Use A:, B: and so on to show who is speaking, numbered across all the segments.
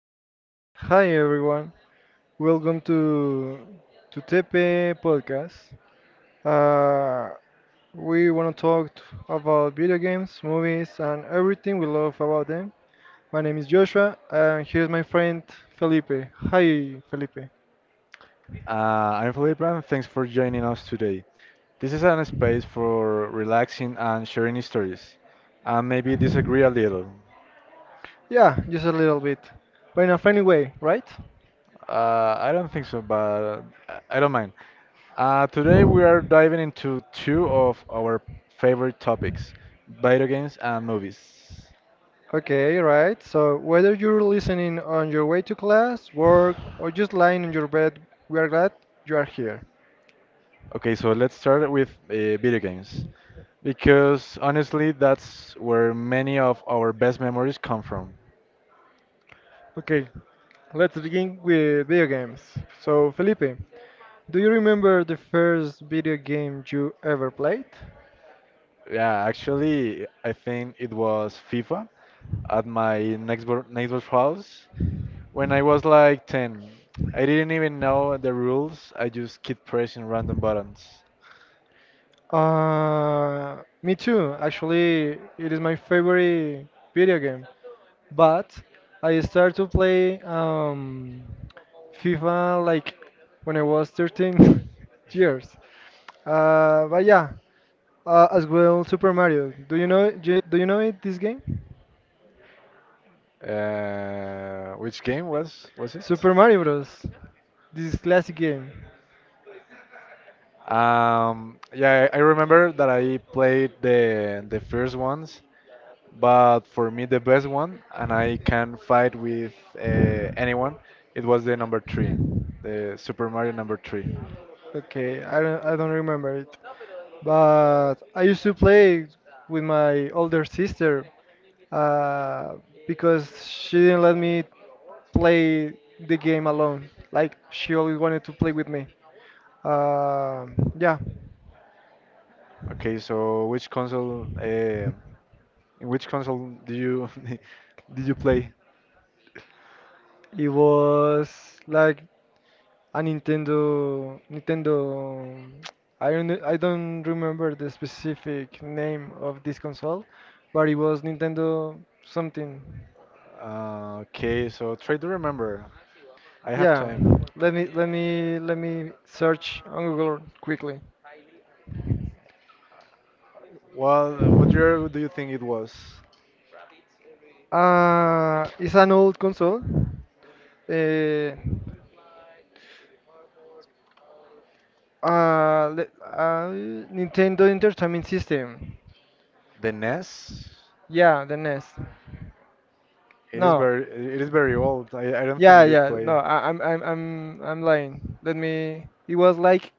A: Hey, hi everyone. Welcome to Tepe Podcast. Uh, we want to about video games, movies, and everything we love about them. My name is Joshua, and here's my friend Felipe. Hi, Felipe.
B: Uh, I'm Felipe, and thanks for joining us today. This is an space for relaxing and sharing stories, and maybe disagree a little.
A: Yeah, just a little bit, but in a funny way, right?
B: I don't think so, but I don't mind. Today we are diving into two of our favorite topics, video games and movies.
A: Okay, right. So whether you're listening on your way to class, work, or just lying in your bed, we are glad you are here.
B: Okay, so let's start with video games, because honestly, that's where many of our best memories come from.
A: Okay, let's begin with video games. So, Felipe, do you remember the first video game you ever played?
B: Yeah, actually, I think it was FIFA at my next door neighbor's house when I was like 10. I didn't even know the rules. I just keep pressing random buttons.
A: Uh, Me too. Actually, it is my favorite video game. But I started to play FIFA like when I was 13 years. But yeah, as well Super Mario. Do you know do you know it this game?
B: Which game was it?
A: Super Mario Bros. This classic game.
B: Yeah, I remember that I played the first ones, but for me the best one, and I can fight with anyone, it was the number three. The Super Mario number three.
A: Okay, I don't remember it. But I used to play with my older sister uh, because she didn't let me play the game alone. Like, she always wanted to play with me. Yeah,
B: Okay, so which console? In which console do you did you play?
A: it was like a Nintendo. I don't remember the specific name of this console, but it was Nintendo something.
B: Okay, so try to remember. I have
A: Yeah,
B: time.
A: let me let me search on Google quickly.
B: Well, what year do you think it was?
A: It's an old console. Uh, uh, le- uh, Nintendo Entertainment System.
B: The NES.
A: Yeah, the NES. No.
B: It is very old. I don't think you
A: Yeah. No,
B: play.
A: I, I'm lying. Let me. It was like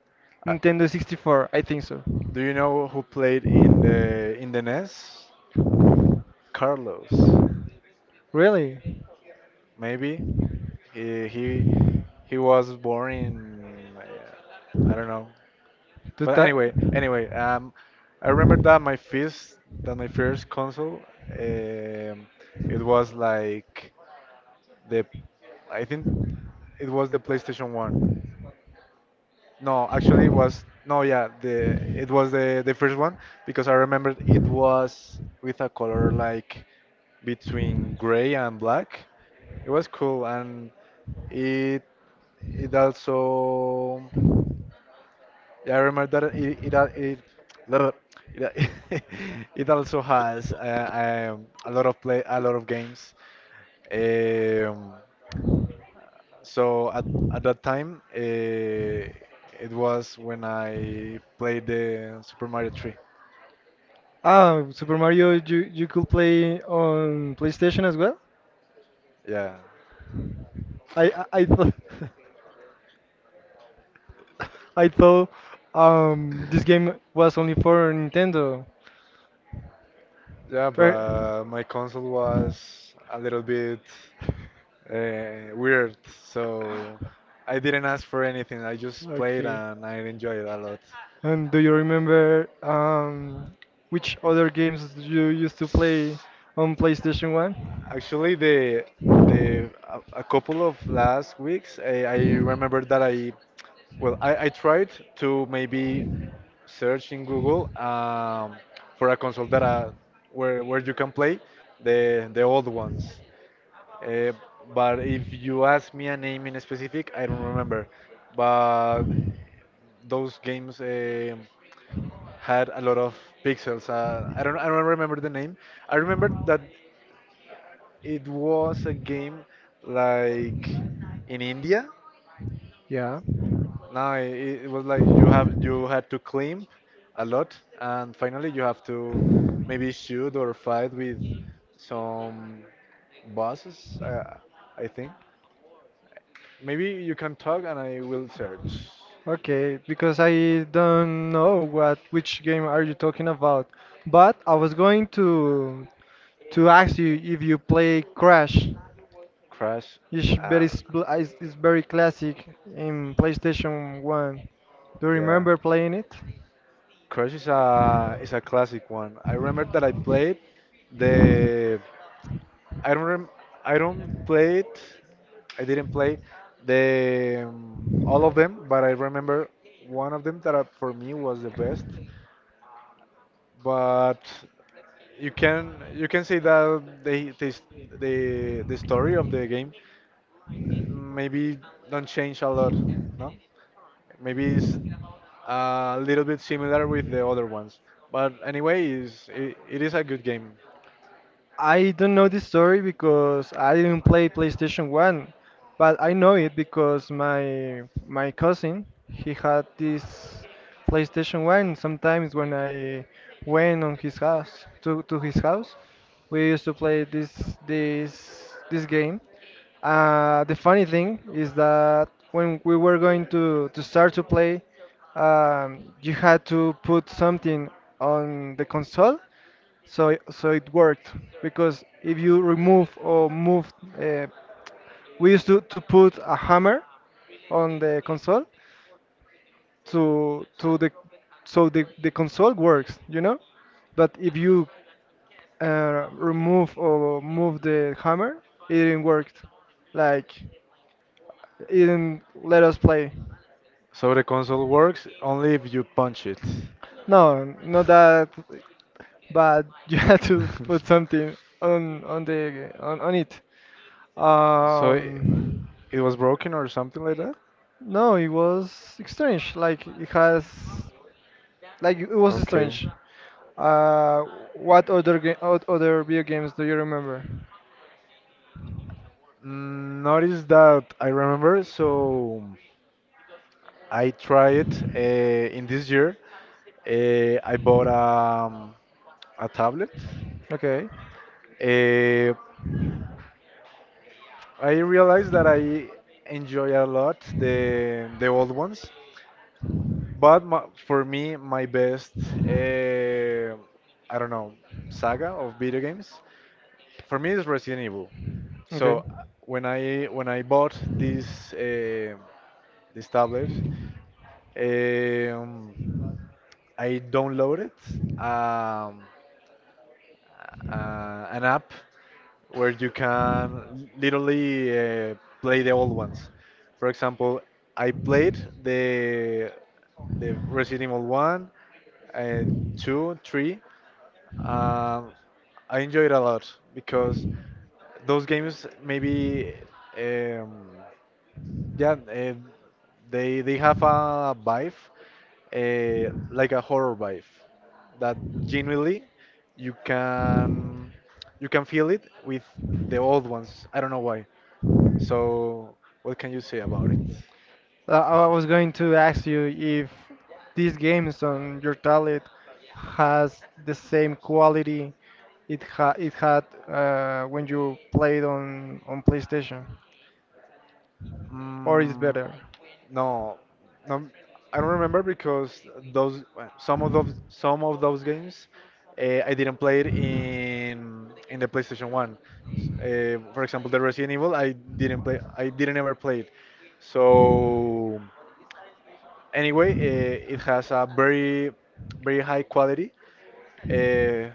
B: Uh,
A: Nintendo 64, I think so.
B: do you know who played in the NES? Carlos.
A: Really?
B: Maybe he he, he was born in I don't know.
A: Tú
B: But
A: estás...
B: anyway, I remember that my first console, um, it was like the, I think it was the PlayStation One. No, actually, it was no, yeah, the it was the first one because I remembered it was with a color like between gray and black. It was cool, and it it also yeah, I remember that little- it, al- it also has a lot of play a lot of games. Um, so at that time, it was when I played the Super Mario 3.
A: Ah, Super Mario, you could play on PlayStation as well?
B: Yeah,
A: I thought I thought this game was only for Nintendo.
B: yeah,
A: Per-
B: but my console was a little bit weird, so I didn't ask for anything. I just played
A: Okay.
B: and I enjoyed it a lot.
A: And do you remember which other games you used to play on PlayStation 1?
B: Actually, the a couple of last weeks, I remember that I tried to maybe search in Google for a console that where you can play the old ones. Uh, but if you ask me a name in specific, I don't remember. But those games had a lot of pixels. I don't remember the name. I remember that it was a game like in India.
A: Yeah.
B: No, it was like you had to climb a lot, and finally you have to maybe shoot or fight with some bosses. I think maybe you can talk, and I will search.
A: Okay, because I don't know what which game are you talking about. But I was going to ask you if you play Crash.
B: Crash.
A: It's very
B: Uh,
A: it's very classic in PlayStation 1. Do you
B: yeah.
A: remember playing it?
B: Crush is a classic one. I remember that the I don't rem, I don't play it. I didn't play the all of them, but I remember one of them that for me was the best. But you can say that the story of the game maybe don't change a lot, no? Maybe it's a little bit similar with the other ones. But anyway, it is a good game.
A: I don't know this story because I didn't play PlayStation 1, but I know it because my cousin he had this PlayStation 1. Sometimes when I went on his house to his house, we used to play this game. The funny thing is that when we were going to start to play, you had to put something on the console so it worked because if you remove or move, uh, we used to put a hammer on the console to the so the console works, you know. But if you remove or move the hammer, it didn't work. Like it didn't let us play.
B: So the console works only if you punch it.
A: No, not that, but you had to put something on on it.
B: So it,
A: Um,
B: it was broken or something like that?
A: no, it was strange. Like it has, like it was
B: Okay.
A: strange. Uh, what other other video games do you remember?
B: Notice that I remember, so I tried in this year. I bought a tablet.
A: Okay,
B: Uh, I realize that I enjoy a lot the old ones, but for me, my best uh, I don't know saga of video games for me is Resident Evil.
A: okay.
B: So when I bought this this tablet, eh, um, I downloaded. Um, an app where you can literally play the old ones. For example, I played the the Resident Evil 1, uh, 2, 3. Um, I enjoyed a lot because those games maybe um, yeah, they have a vibe, like a horror vibe, that genuinely you can you can feel it with the old ones. I don't know why. So what can you say about it?
A: I was going to ask you if these games on your tablet has the same quality it had when you played on PlayStation, or is
B: Mm,
A: better.
B: no, no, I don't remember because those some of those some of those games I didn't play it in the PlayStation One. For example, the Resident Evil I didn't ever play it. So anyway, it has a very high quality uh,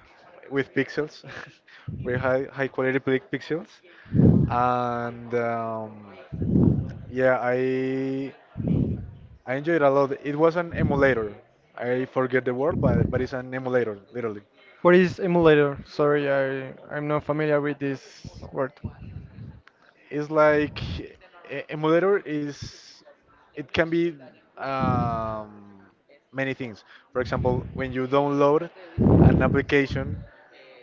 B: with pixels, very high quality pixels, and yeah, I enjoyed it a lot. It was an emulator. I forget the word, but it's an emulator, literally.
A: What is emulator? Sorry, I'm not familiar with this word.
B: It's like a moderator is it can be um, many things. For example, when you download an application,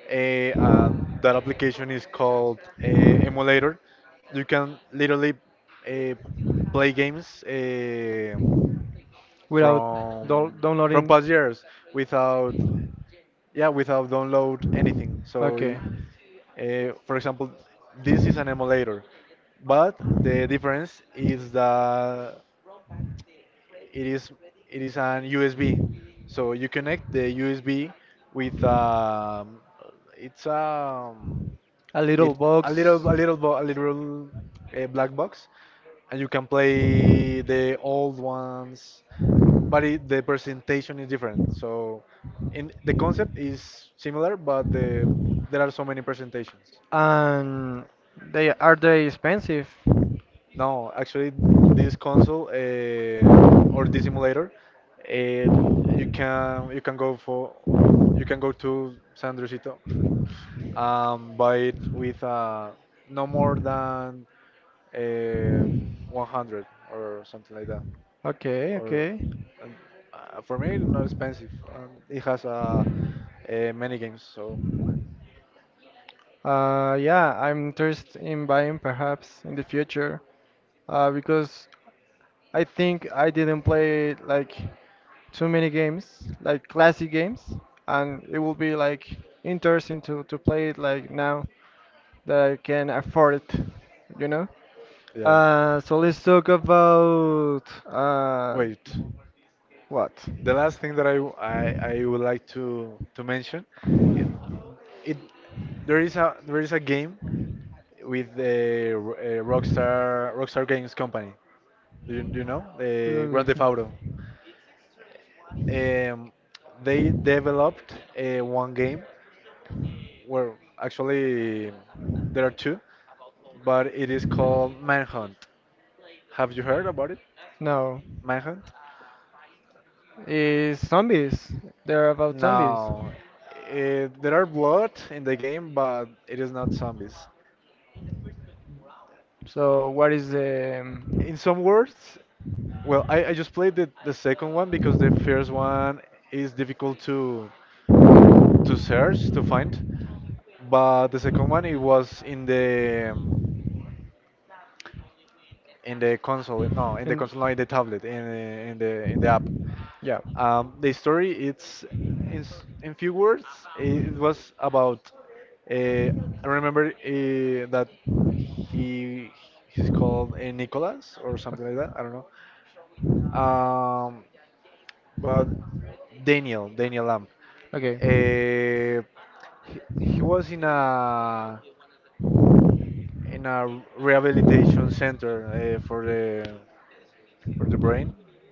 B: that application is called a emulator. You can literally uh, play games
A: Without
B: from
A: downloading.
B: past years without yeah, without download anything so you,
A: Okay.
B: for example this is an emulator but the difference is that it is it is an USB so you connect the USB with it's um
A: A little
B: it, a
A: box.
B: little a little black box and you can play the old ones but the presentation is different. So, in the concept is similar, but there are so many presentations.
A: And they are they expensive?
B: No, actually, this console or this simulator, eh, you can you can go for you can go to San Andresito, buy it with no more than um 100 or something like that.
A: Okay,
B: Or
A: okay.
B: and, for me not expensive and it has many games so
A: Yeah, I'm interested in buying perhaps in the future, because I think I didn't play like too many games, like classic games, and it will be like interesting to play it like now that I can afford it, you know?
B: yeah,
A: So let's talk about
B: wait,
A: what?
B: the last thing that I would like to mention it, it there is a game with the Rockstar Games company. Do do you know the
A: L-
B: Grand Theft Auto? um, they developed one game. Well, actually, there are two, but it is called Manhunt. Have you heard about it?
A: No,
B: Manhunt?
A: is zombies. They're about zombies.
B: No. There are blood in the game, but it is not zombies.
A: So what is the
B: In some words, well, I just played the second one because the first
A: uh,
B: one is difficult to
A: in
B: to search, to find. But the second one, it was in the console. No, in the console, no, in the tablet, in the
A: app.
B: app.
A: Yeah,
B: The story it's in few words. It was about. Uh, I remember that he he's called Nicholas or something like that. I don't know. Um, but Daniel Lamb.
A: okay.
B: Uh, he was in a rehabilitation center for the brain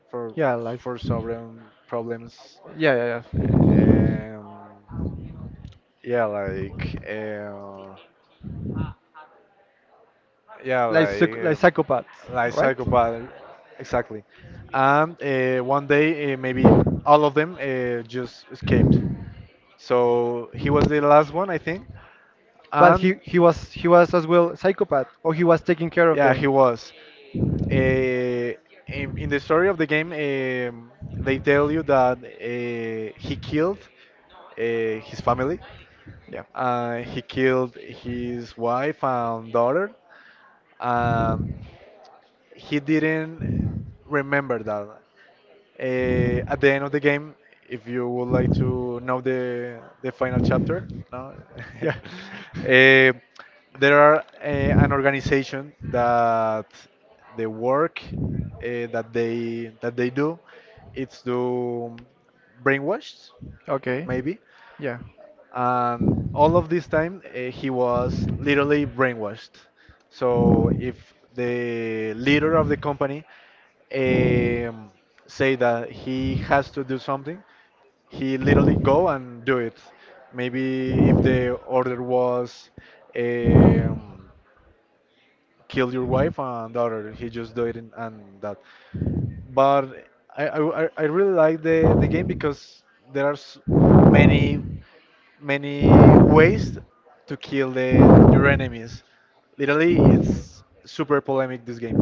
B: for
A: Yeah, like
B: for sovereign problems
A: yeah, yeah, yeah.
B: um, yeah, like yeah,
A: Like like psychopaths,
B: like
A: right?
B: psychopath, exactly. And one day, maybe all of them just escaped. So he was the last one, I think.
A: But
B: And
A: he was as well psychopath, or he was taking care of
B: yeah,
A: them.
B: he was. Uh, in the story of the game, they tell you that he killed his family.
A: Yeah.
B: He killed his wife and daughter. Um, he didn't remember that. At the end of the game, if you would like to know the final chapter, no.
A: Yeah.
B: Eh, there are an organization that the work that they do, it's to brainwashed,
A: Okay.
B: maybe,
A: Yeah.
B: and all of this time he was literally brainwashed. So if the leader of the company um, say that he has to do something, he literally go and do it. Maybe if the order was um, kill your wife and daughter. He just do it, and that. But I really like the game because there are s many many ways to kill the your enemies. Literally, it's super polemic. This game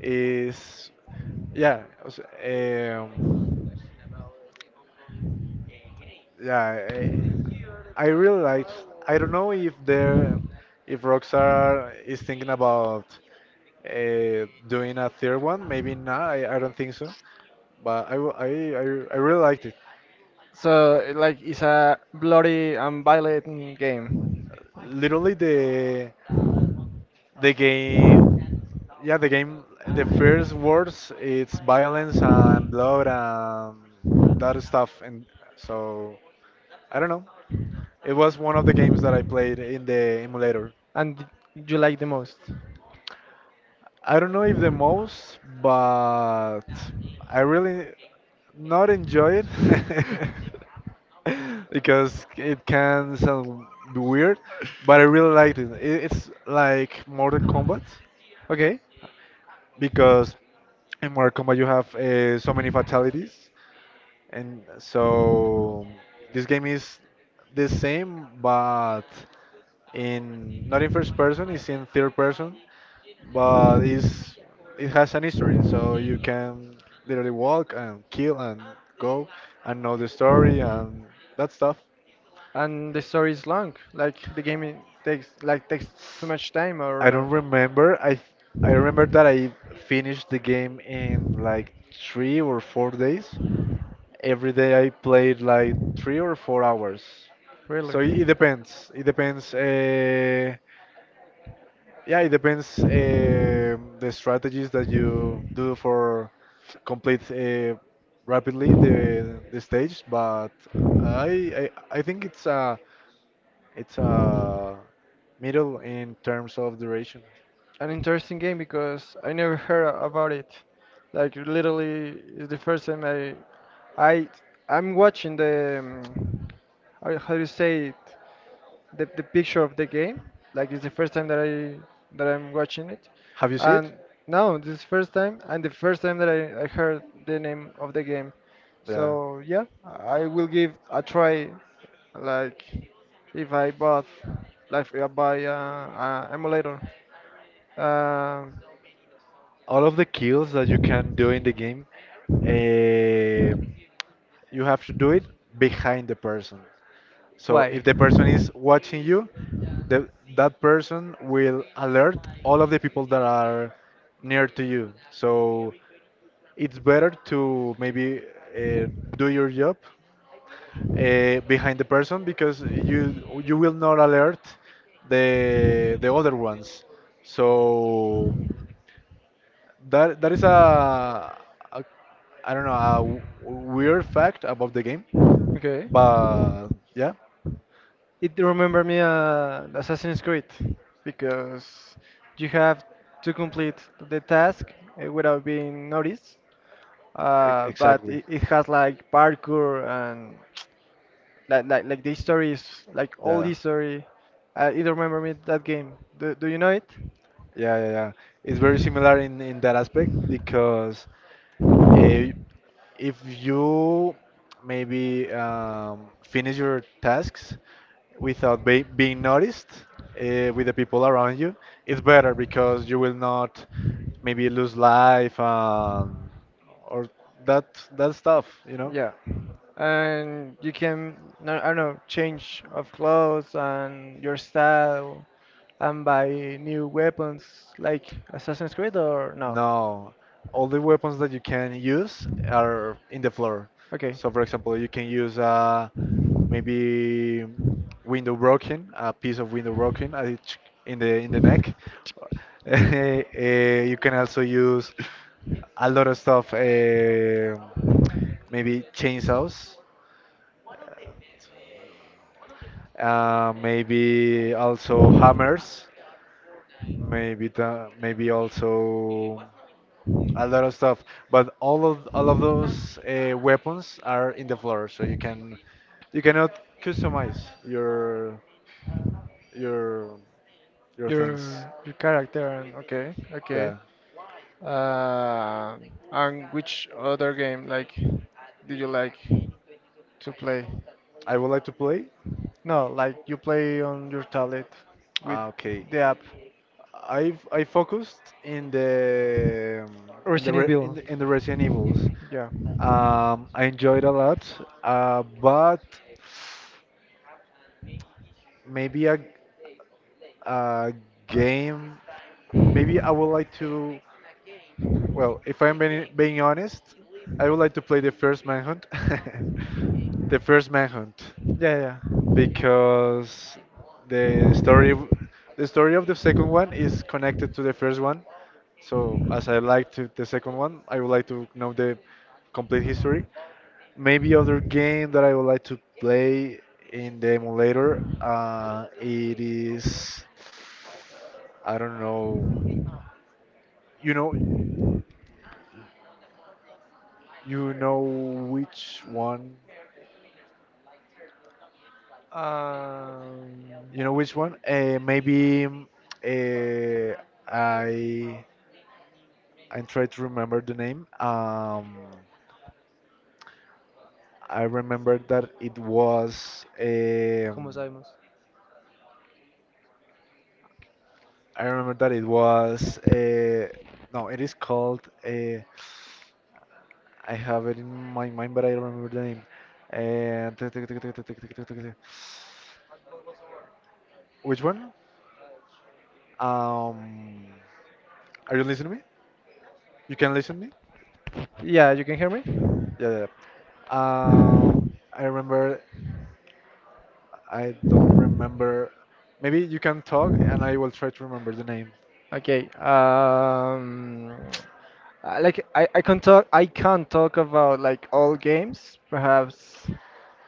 B: is yeah, it was. Yeah, I really like. I don't know if Rockstar is thinking about doing a third one. Maybe not. I don't think so. But I, w- I, I really liked it.
A: So it, like it's a bloody and violent game,
B: Literally the game. Yeah, the game. The first words. It's violence and blood and that stuff. And so I don't know. It was one of the games that I played in the emulator.
A: and you like the most.
B: I don't know if the most, but I really not enjoy it because it can sound weird, but I really liked it. It's like Mortal Kombat
A: But okay.
B: because in Mortal Kombat you have so many fatalities, and so this game is the same, but in not in first person, it's in third person, but it has an history, so you can literally walk and kill and go and know the story and that stuff.
A: And the story is long. Like the game takes like takes too much time or
B: I
A: not.
B: don't remember. I remember that I finished the game in like 3 or 4 days, every day I played like 3 or 4 hours.
A: Really.
B: So it depends. It depends. Yeah, it depends the strategies that you do for complete rapidly the stage. But I think it's a it's a middle in terms of duration.
A: An interesting game because I never heard about it. Like literally, it's the first time I I'm watching the how do you say it? The picture of the game. Like it's the first time that I that I'm watching it,
B: Have you seen it?
A: and now this is first time and the first time that I heard the name of the game.
B: Yeah.
A: So yeah, I will give a try. Like if I bought like if I buy a emulator. Um.
B: All of the kills that you can do in the game. Um You have to do it behind the person. So if
A: Why?
B: the person is watching you, the, that person will alert all of the people that are near to you. So it's better to maybe uh, do your job behind the person because you will not alert the other ones. So that is a I don't know, a weird fact about the game,
A: Okay.
B: but yeah,
A: It remember me Assassin's Creed because you have to complete the task without being noticed. But
B: exactly.
A: it, it has like parkour and like the story is like all
B: Yeah.
A: the story. I either remember me that game. Do you know it?
B: Yeah, yeah, yeah. It's very similar in that aspect because eh, if you maybe finish your tasks without be being noticed with the people around you, it's better because you will not maybe lose life, or that that stuff, you know?
A: Yeah. And you can no, I don't know, change of clothes and your style and buy new weapons like Assassin's Creed or no?
B: No, all the weapons that you can use are in the floor.
A: Okay.
B: So, for example, you can use maybe window broken, a piece of window broken at in the neck. You can also use a lot of stuff, maybe chainsaws, maybe also hammers, maybe also a lot of stuff. But all of those weapons are in the floor, so you cannot customize your your
A: Your
B: things.
A: character and okay, okay.
B: Yeah,
A: Uh, and which other game like do you like to play?
B: I would like to play.
A: No, like you play on your tablet with
B: Ah, okay.
A: the app.
B: I focused in the in the
A: Resident
B: in
A: Evil.
B: in the Resident Evils.
A: Yeah.
B: I enjoyed a lot, but maybe a game. Maybe I would like to. Well, if I'm being honest, I would like to play the first Manhunt. The first Manhunt.
A: Yeah, yeah.
B: Because the story the story of the second one is connected to the first one. So as I like to the second one, I would like to know the complete history. Maybe other game that I would like to play in the emulator. It is I don't know. You know, you know which one.
A: Um,
B: You know which one? Maybe uh, I try to remember the name. I remember that it was.
A: ¿Cómo sabemos?
B: I remember that it was. No, it is called. I have it in my mind, but I don't remember the name. Uh, which one? Um, are you listening to me? You can listen to me?
A: Yeah, you can hear me?
B: Yeah, yeah, yeah. Um, I remember. I don't remember. Maybe you can talk, and I will try to remember the name.
A: Okay. Like I can't talk about like all games, perhaps.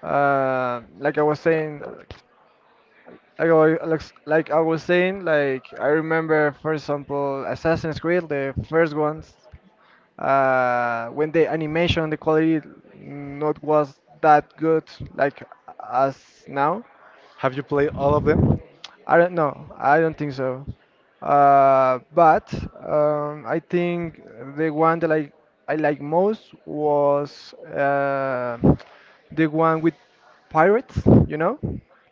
A: Like I was
B: Yeah,
A: saying,
B: the other thing.
A: like I, wa- like, s- like I was saying, like I remember, for example, Assassin's Creed, the first ones, when the animation, the quality not was that good, like as now.
B: Have you played all of them?
A: I don't know. I don't think so. But I think the one that I like most was the one with pirates. You know,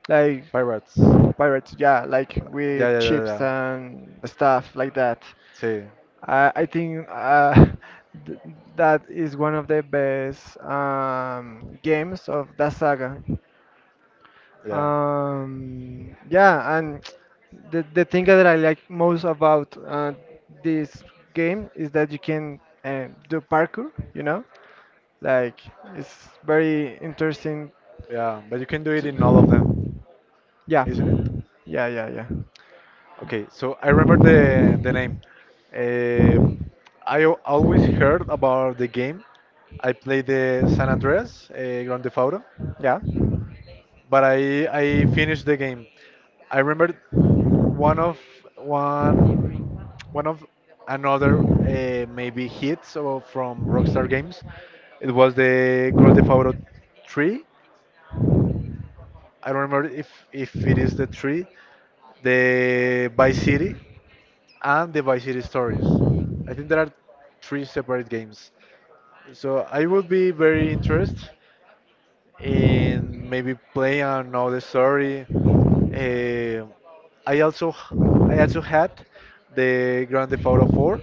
A: like
B: Pirates.
A: pirates. Yeah, like with
B: Yeah, yeah, yeah,
A: chips
B: yeah.
A: and stuff like that.
B: See,
A: I think th that is one of the best um, games of that saga.
B: yeah,
A: Yeah, and the thing that I like most about this game is that you can do parkour. You know, like it's very interesting.
B: yeah. But you can do it in all of
A: To,
B: them,
A: yeah,
B: isn't it?
A: yeah, yeah,
B: Okay, so I remember the name. Uh, I always heard about the game. I played the San Andreas, Grand Theft Auto,
A: yeah, yeah.
B: but I finished the game. I remember one of one one of another, maybe hits or from Rockstar Games. It was the Grand Theft Auto 3. I don't remember if it is the 3, the Vice City, and the Vice City Stories. I think there are three separate games. So I would be very interested in maybe playing another story. Uh, I also h- I also had the Grand Theft Auto 4.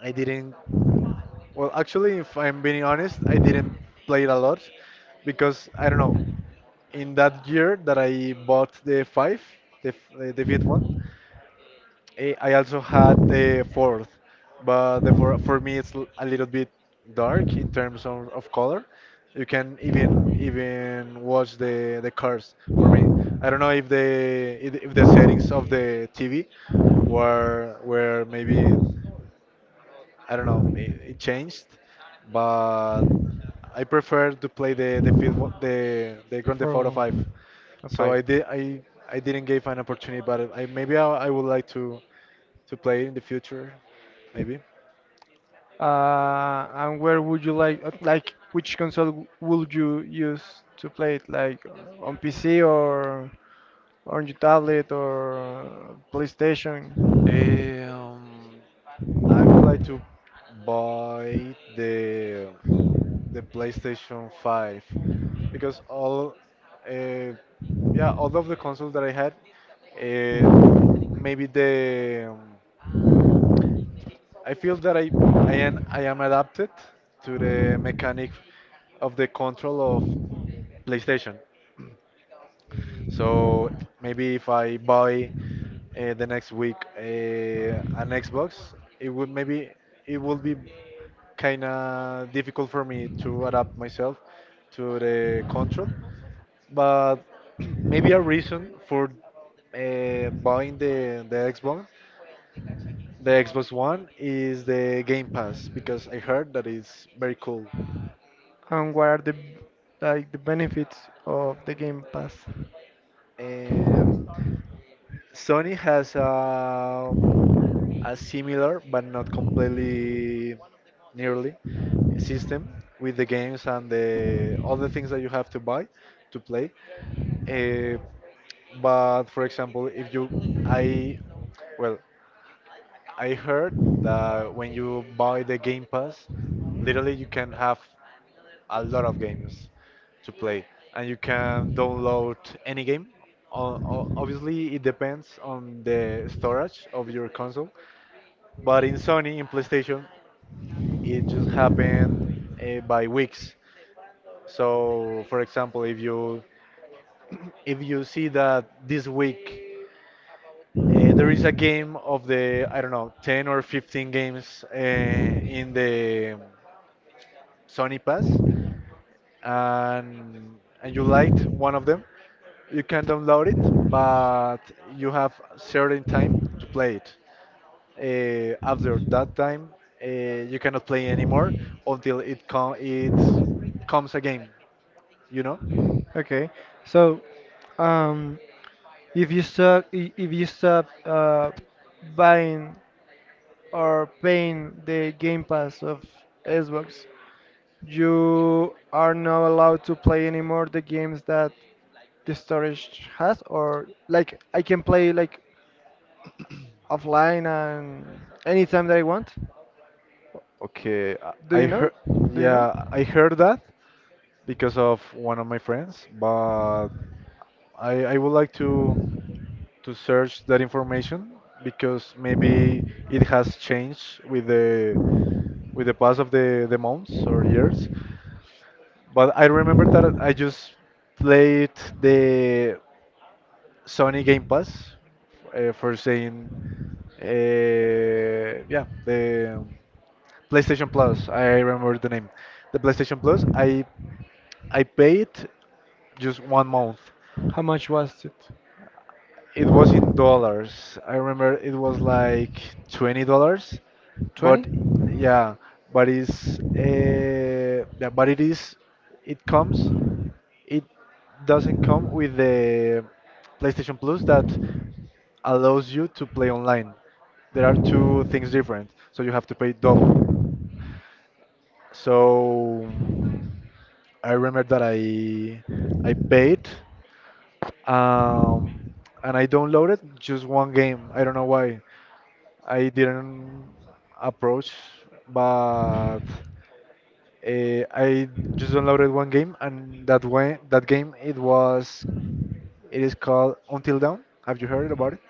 B: I didn't. Well, actually, if I'm being honest, I didn't play it a lot because I don't know. In that year that I bought the five, the fifth one, eh, I also had the fourth, but the for me it's a little bit dark in terms of color. You can even watch the cars for me. I don't know if the settings of the TV were maybe I don't know, it changed, but I prefer to play the fifth one, the Grand Theft
A: Four,
B: Auto 5.
A: one, a so
B: So
A: five.
B: I didn't give an opportunity, but I maybe I would like to play it in the future, maybe.
A: And where would you like, which console would you use to play it? Like on PC or on your tablet or PlayStation?
B: Um, I would like to buy the PlayStation 5 because all, uh, yeah, all of the consoles that I had, uh, maybe the I feel that I am adapted to the mechanic of the control of PlayStation. So maybe if I buy, the next week, an Xbox, it would maybe it will be kind of difficult for me to adapt myself to the control. But maybe a reason for, buying the Xbox One is the Game Pass because I heard that it's very cool.
A: And what are the like the benefits of the Game Pass?
B: Um, Sony has a similar but not completely nearly system with the games and the all the things that you have to buy to play. Uh, but for example, if you I well, I heard that when you buy the Game Pass, literally you can have a lot of games to play, and you can download any game. Obviously, it depends on the storage of your console, but in Sony, in PlayStation, it just happened, by weeks. So, for example, if you if you see that this week, there is a game of the I don't know 10 or 15 games, in the Sony Pass, and you liked one of them, you can download it, but you have certain time to play it. After that time, you cannot play anymore until it comes again. You know?
A: Okay, so um, if you stop, if you stop buying or paying the Game Pass of Xbox, you are not allowed to play anymore the games that the storage has. Or like I can play like offline and anytime that I want.
B: Okay,
A: Do
B: I
A: you know it?
B: heard,
A: Do you know?
B: yeah, I heard that because of one of my friends, but I would like to search that information because maybe it has changed with the pass of the months or years. But I remember that I just played the Sony Game Pass, for saying, uh, yeah, the PlayStation Plus. I remember the name, the PlayStation Plus. I paid just 1 month.
A: How much was it?
B: It was in dollars. I remember it was like $20,
A: 20?
B: but yeah, but it is it comes it doesn't come with the PlayStation Plus that allows you to play online. There are two things different, so you have to pay double. So I remember that I paid, um, and I downloaded just one game. I don't know why. I didn't approach, but I just downloaded one game, and that game it is called Until Dawn. Have you heard about it?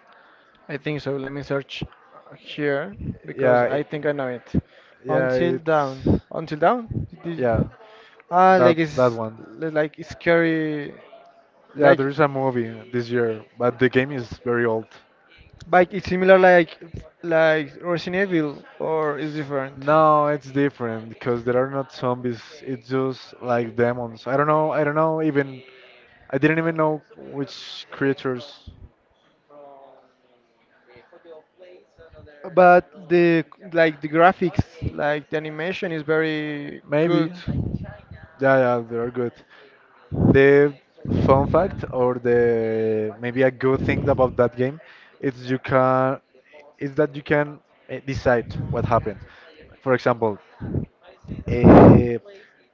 A: I think so. Let me search here
B: Yeah,
A: because I think I know it.
B: yeah,
A: Until
B: it's
A: down. Until down?
B: yeah,
A: Did- ah,
B: that that one.
A: like it's scary.
B: Yeah,
A: Like,
B: there is a movie this year, but the game is very old.
A: like it's similar like Resident Evil or is different.
B: No, it's different because there are not zombies. It's just like demons. I don't know. I don't know even. I didn't even know which creatures.
A: But the like the graphics, like the animation is very good.
B: Maybe. Yeah, yeah, they are good. The fun fact or the maybe a good thing about that game is you can, eh, decide what happened. For example, uh,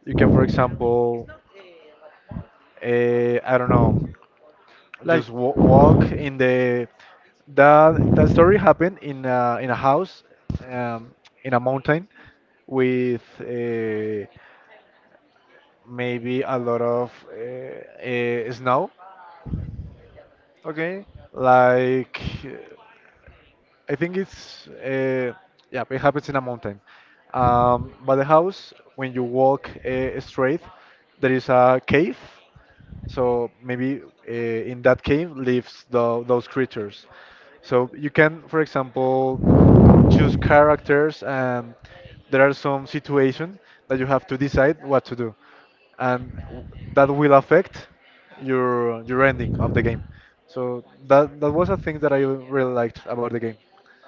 B: you can, for example, I don't know,
A: Like,
B: just w walk in the that that story happened in in a house, um, in a mountain with, maybe a lot of snow,
A: okay,
B: like I think it's yeah, it happens in a mountain. But the house, when you walk, straight, there is a cave. So maybe, in that cave lives those creatures. So you can, for example, choose characters, and there are some situations that you have to decide what to do, and that will affect your ending of the game. So that was a thing that I really liked about the game.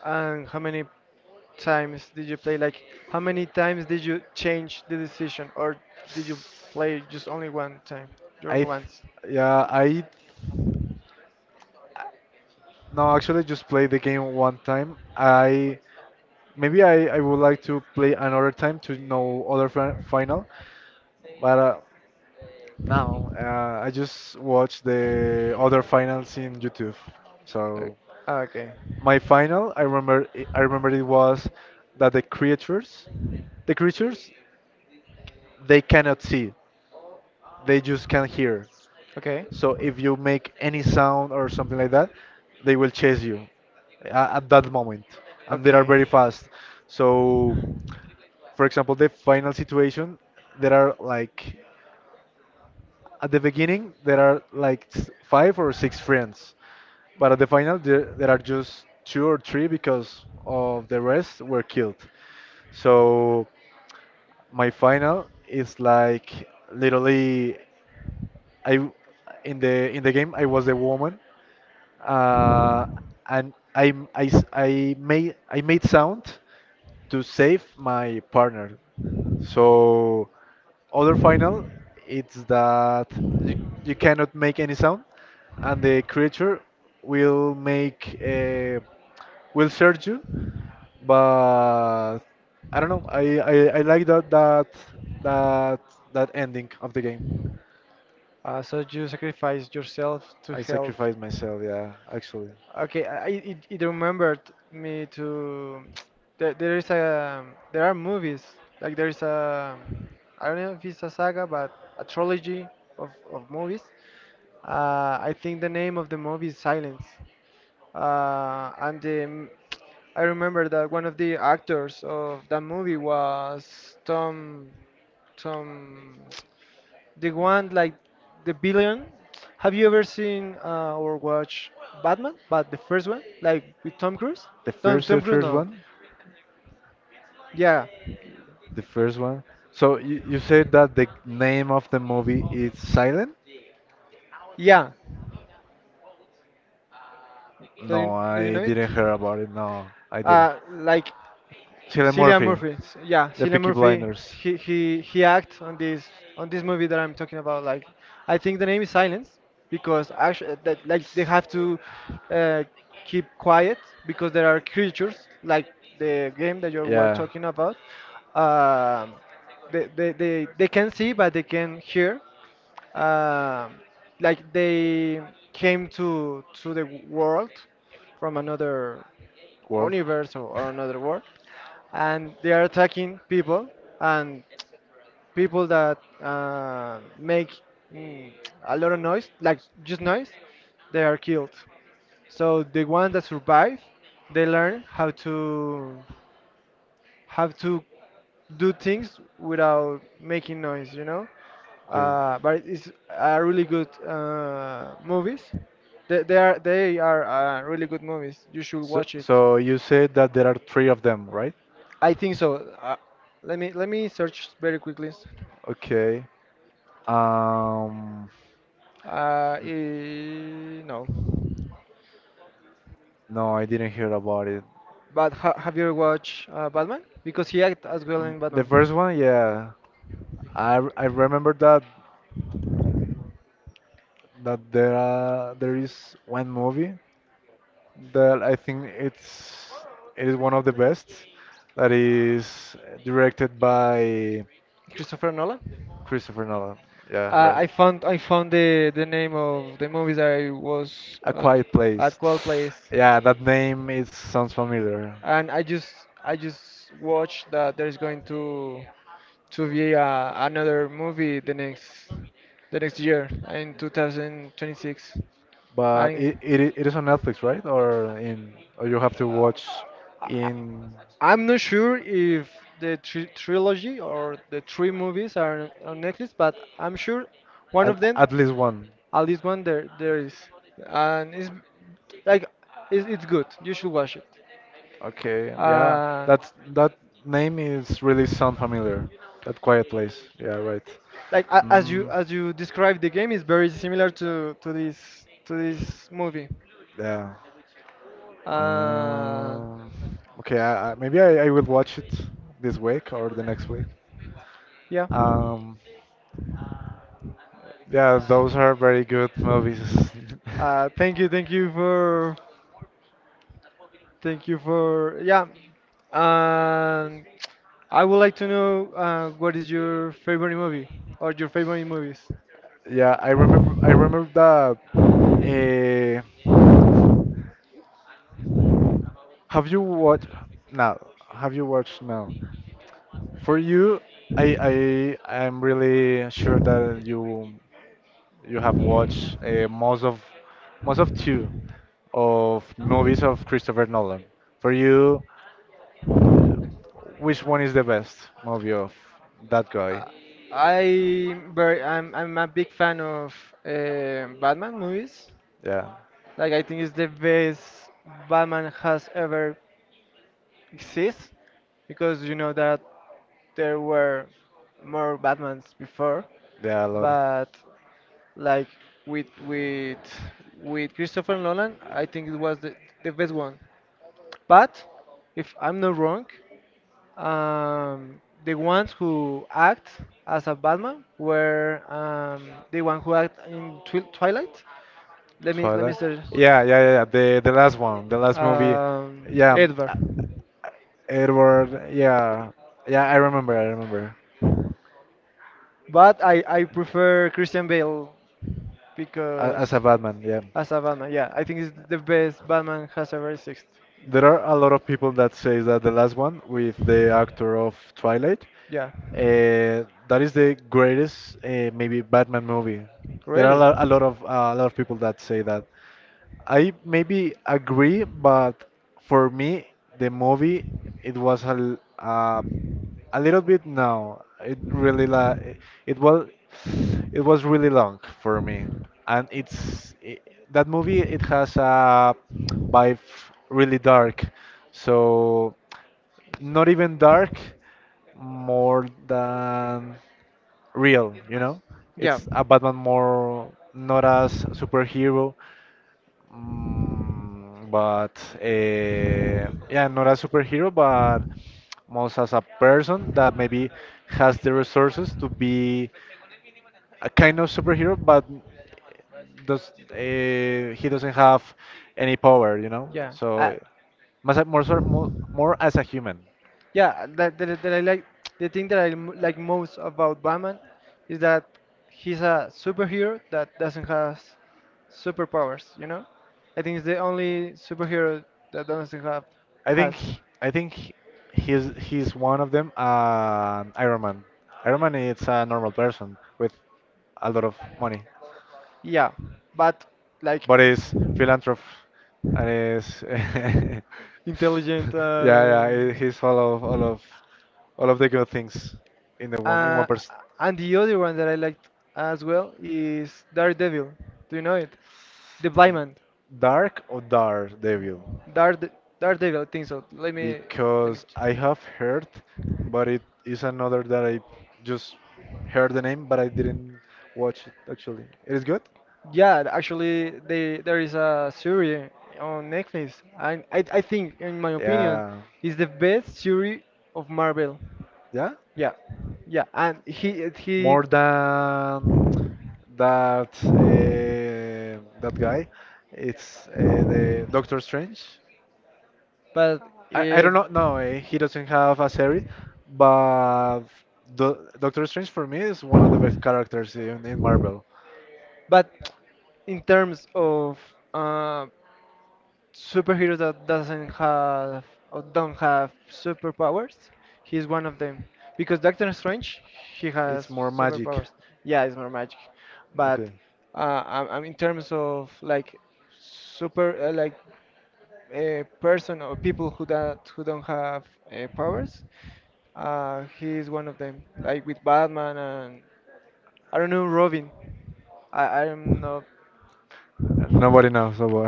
A: and how many times did you play? Like, how many times did you change the decision, or did you play just only one time? Just
B: I, th
A: once.
B: yeah, I, no, actually just played the game one time. I maybe I would like to play another time to know other fi final, but now I just watch the other finals in YouTube.
A: Like,
B: So
A: ah, okay.
B: my final, I remember it was that the creatures, they cannot see. They just can't hear.
A: Okay.
B: So if you make any sound or something like that, they will chase you at that moment, and they are
A: Okay.
B: very fast. So, for example, the final situation, there are like at the beginning there are like five or six friends, but at the final there are just two or three because of the rest were killed. So my final is like literally. I in the game I was a woman, uh, and I made sound to save my partner. So other final, it's that you, you cannot make any sound, and the creature will will search you. But I don't know. I like that that ending of the game.
A: So you sacrifice yourself to
B: I
A: help.
B: sacrificed myself. Yeah, actually,
A: Okay, it, it remembered me to there is a there are movies like there is a I don't know if it's a saga but a trilogy of movies. I think the name of the movie is Silence. And the, I remember that one of the actors of that movie was Tom the one like the billion. Have you ever seen or watched Batman? But the first one, like with Tom Cruise. Don't
B: the
A: Tom Cruise
B: first
A: no.
B: one,
A: Yeah,
B: the first one. So you said that the name of the movie is Silent?
A: yeah.
B: No,
A: Do you
B: I
A: know it?
B: didn't hear about it. No, I didn't.
A: Like
B: Cillian
A: Cillian
B: Murphy,
A: Murphy. Yeah,
B: The
A: Cillian
B: Peaky
A: Murphy.
B: Blinders.
A: He he acts on this movie that I'm talking about. Like, I think the name is Silence because actually that like they have to uh, keep quiet because there are creatures like the game that you were
B: Yeah.
A: talking about. Um, they can see but they can hear. Um, like they came to the world from another
B: World.
A: universe or another world and they are attacking people and people that make mm, a lot of noise, like just noise, they are killed. So the ones that survive, they learn how to do things without making noise, you know.
B: To okay.
A: But it's a really good movies. They, they are really good movies. You should
B: So
A: watch it.
B: so you said that there are three of them, right?
A: I think so. Uh, let me search very quickly.
B: Okay. Um,
A: Eh, no.
B: no, I didn't hear about it.
A: But ha have you ever watched Batman? Because he acted as well
B: Mm,
A: in
B: the
A: Batman.
B: first one, yeah, I remember that there are, there is one movie that I think it is one of the best that is directed by
A: Christopher Nolan.
B: Christopher Nolan. Yeah, right.
A: I found the name of the movies I was
B: A Quiet
A: at
B: Place.
A: qual place,
B: Yeah, that name is sounds familiar,
A: and I just watched that there's going to be another movie the next year in 2026,
B: but
A: and
B: it is on Netflix, right? Or in or you have to
A: Uh,
B: watch
A: I-
B: in.
A: I- I'm not sure if the trilogy or the three movies are on Netflix, but I'm sure one of them,
B: At least one.
A: at least one there is, and like it's good. You should watch it.
B: Okay, yeah.
A: Uh,
B: That name is really sound familiar. That quiet place. Yeah, right.
A: like
B: Mm,
A: as you described, the game is very similar to this movie.
B: yeah.
A: Uh,
B: Um, okay, maybe I will watch it this week or the next week.
A: yeah.
B: Um, yeah, those are very good movies.
A: Uh, thank you, thank you for Thank you for yeah. And I would like to know what is your favorite movie or your favorite movies.
B: Yeah, I remember. I remember that. Uh, have you watched now? Have you watched now? For you, I'm really sure that you have watched most of two of movies of Christopher Nolan. For you, which one is the best movie of that guy?
A: Uh, I'm very I'm a big fan of Batman movies.
B: Yeah,
A: Like I think it's the best Batman has ever exist, because you know that there were more Batmans before,
B: there are a lot.
A: but like with with with Christopher Nolan, I think it was the best one. But if I'm not wrong, the ones who act as a Batman were the one who act in Twilight. Let me
B: Twilight.
A: search.
B: Yeah, yeah, yeah, yeah, the last one, the last movie. Yeah,
A: Edward.
B: uh, Edward. Yeah, yeah. I remember. I remember.
A: But I prefer Christian Bale,
B: A-
A: because
B: As a Batman. Yeah.
A: as a Batman, yeah, I think it's the best Batman has ever existed.
B: There are a lot of people that say that the last one with the actor of Twilight,
A: Yeah,
B: that is the greatest maybe Batman movie. There are
A: really.
B: a lot of people that say that. I maybe agree, but for me, the movie it was a little bit no. It really it was really long for me, and it's I that movie it has a vibe really dark, so not even dark, more than real, you know?
A: Yeah,
B: It's a Batman more not as superhero, mm, but yeah, not a superhero, but most as a person that maybe has the resources to be a kind of superhero, but does he doesn't have any power, you know?
A: yeah. I,
B: So mas- more, sor- more more as a human.
A: yeah, that I like. The thing that like most about Batman is that he's a superhero that doesn't have superpowers, you know? I think it's the only superhero that doesn't have
B: I think
A: has.
B: he- I think he- he's one of them. Iron Man. Iron Man is a normal person with a lot of money.
A: Yeah, but like
B: But it's philanthropy and it's yeah,
A: intelligent,
B: yeah. He's all of the good things in the one in one
A: uh,
B: person.
A: and the other one that I liked as well is Daredevil. Do you know it? The Blind Man.
B: Dark or Dark Devil,
A: Darede- Daredevil, I think so. Let me let me.
B: because
A: ch-
B: I have heard, but it is another that I just heard the name, but I didn't watch it actually. It is good?
A: Yeah, actually, there is a series on Netflix, and I think, in my opinion,
B: Yeah.
A: is the best series of Marvel.
B: Yeah.
A: Yeah, yeah, and he he.
B: More than that uh, that guy. It's the Doctor Strange.
A: But
B: I
A: it.
B: don't know. No, he doesn't have a series, but the Doctor Strange for me is one of the best characters in Marvel.
A: But in terms of uh, superhero that doesn't have or don't have superpowers, he's one of them. Because Doctor Strange, he
B: It's
A: has
B: more magic.
A: superpowers. Yeah, it's more magic, but
B: Okay.
A: uh, I in terms of like super like a person or people who that who don't have powers, he is one of them. Like with Batman and I don't know Robin. I'm not.
B: Nobody knows about.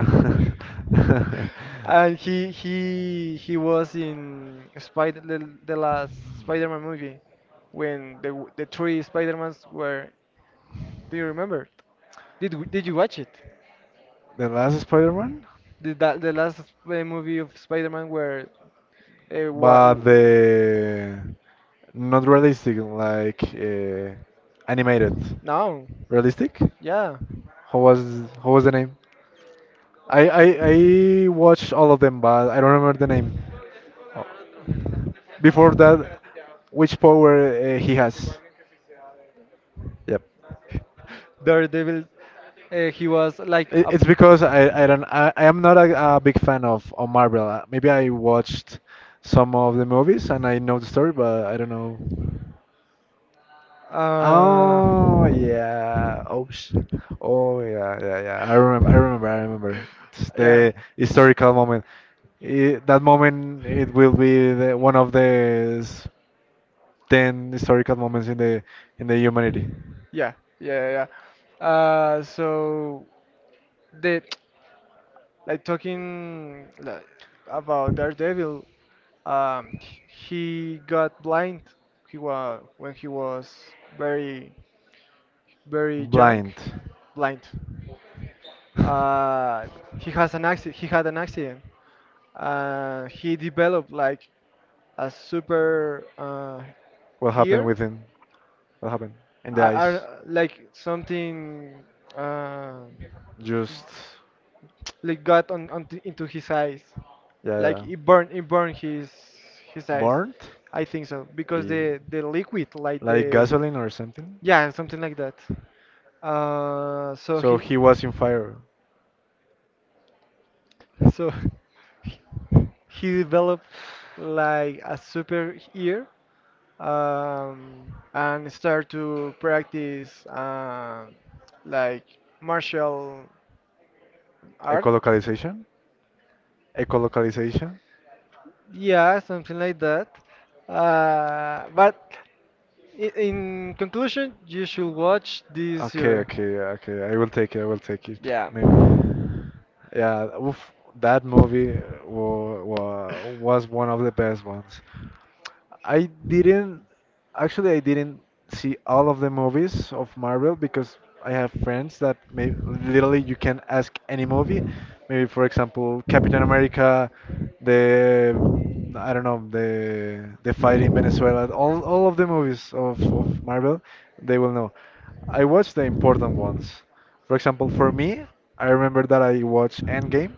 A: And he was in Spider, the last Spider-Man movie, when the three Spider-Mans were. Do you remember? Did did you watch it?
B: The last Spider-Man,
A: Did that the last movie of Spider-Man where what?
B: but the not realistic, like animated.
A: No,
B: Realistic?
A: yeah.
B: How was how was the name? I watched all of them, but I don't remember the name. Before that, which power he has? Yep.
A: Uh, Daredevil. He was like
B: It-
A: a
B: It's because I don't I am not a, a big fan of Marvel. Maybe I watched some of the movies and I know the story, but I don't know.
A: uh,
B: Oh yeah. Oh, sh oh yeah, yeah, yeah. I remember. I remember. I remember. It's
A: yeah,
B: the historical moment. I that moment, it will be one of ten historical moments in the humanity.
A: yeah, yeah, yeah, yeah. So the like talking, like, about Daredevil, he got blind. He was when he was very, very young,
B: Blind.
A: blind. Uh, he has an accident. He had an accident. He developed like a super
B: What happened
A: ear
B: with him? What happened? In the eyes.
A: are like something uh,
B: Just.
A: like got on, into his eyes,
B: Yeah,
A: like
B: yeah.
A: it burned his eyes,
B: Burnt,
A: I think so, because
B: eh,
A: the liquid like
B: like
A: the
B: gasoline or something.
A: yeah something like that so
B: So
A: he
B: he was in fire.
A: so he developed like a super ear, um, and start to practice like martial art.
B: Ecolocalization? Ecolocalization?
A: Yeah, something like that. But in conclusion, you should watch this
B: Okay,
A: series.
B: okay, okay. I will take it. I will take it.
A: Yeah.
B: May- yeah, oof, that movie wa wa was one of the best ones. I didn't I didn't see all of the movies of Marvel because I have friends that may literally you can ask any movie. Maybe for example Captain America, the mm, I don't know the fight in Venezuela, all of the movies of Marvel, they will know. I watched the important ones. For example, for me, I remember that I watched Endgame.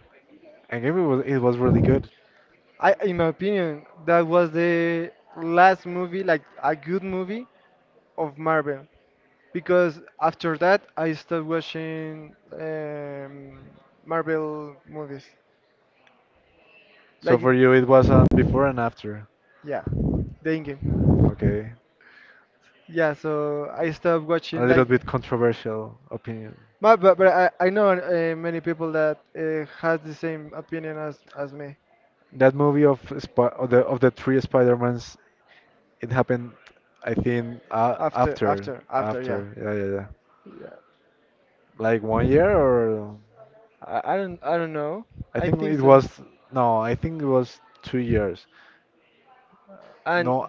B: Endgame it was really good.
A: I, in my opinion, that was the last movie, like a good movie of Marvel, because after that I stopped watching Marvel movies.
B: So
A: Like,
B: for you, it was
A: it-
B: on before and after.
A: yeah, the in-game.
B: Okay.
A: Yeah, so I stopped
B: A
A: watching
B: little
A: like,
B: bit controversial opinion.
A: but, I know many people that has the same opinion as me.
B: That movie of the three Spider-Mans, it happened, I think,
A: After,
B: after
A: yeah.
B: yeah yeah yeah,
A: Yeah.
B: like 1 year or
A: I, I don't know.
B: I
A: I
B: think
A: think
B: it
A: so.
B: was no, I think it was 2 years.
A: And
B: No,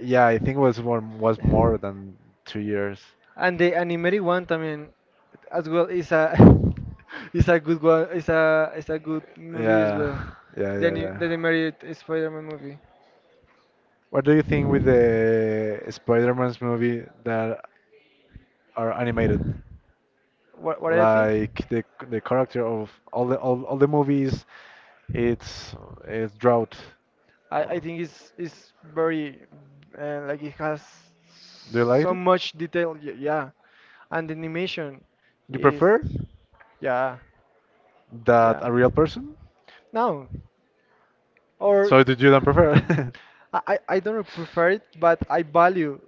B: yeah, I think it was more than 2 years.
A: and the animated one, I mean, as well is a is a good one. Is a good movie as
B: Yeah,
A: well.
B: yeah,
A: The
B: yeah, yeah.
A: the animated Spider-Man movie.
B: What do you think with the Spider-Man's movie that are animated?
A: What do you think?
B: Like the character of all the movies, it's it's drought.
A: I
B: Or-
A: think it's very like it has
B: do you like
A: so
B: it?
A: much detail. Yeah, and the animation
B: You
A: is
B: prefer
A: yeah,
B: that
A: yeah.
B: a real person?
A: No, or
B: So did you don't prefer?
A: I don't prefer it, but I value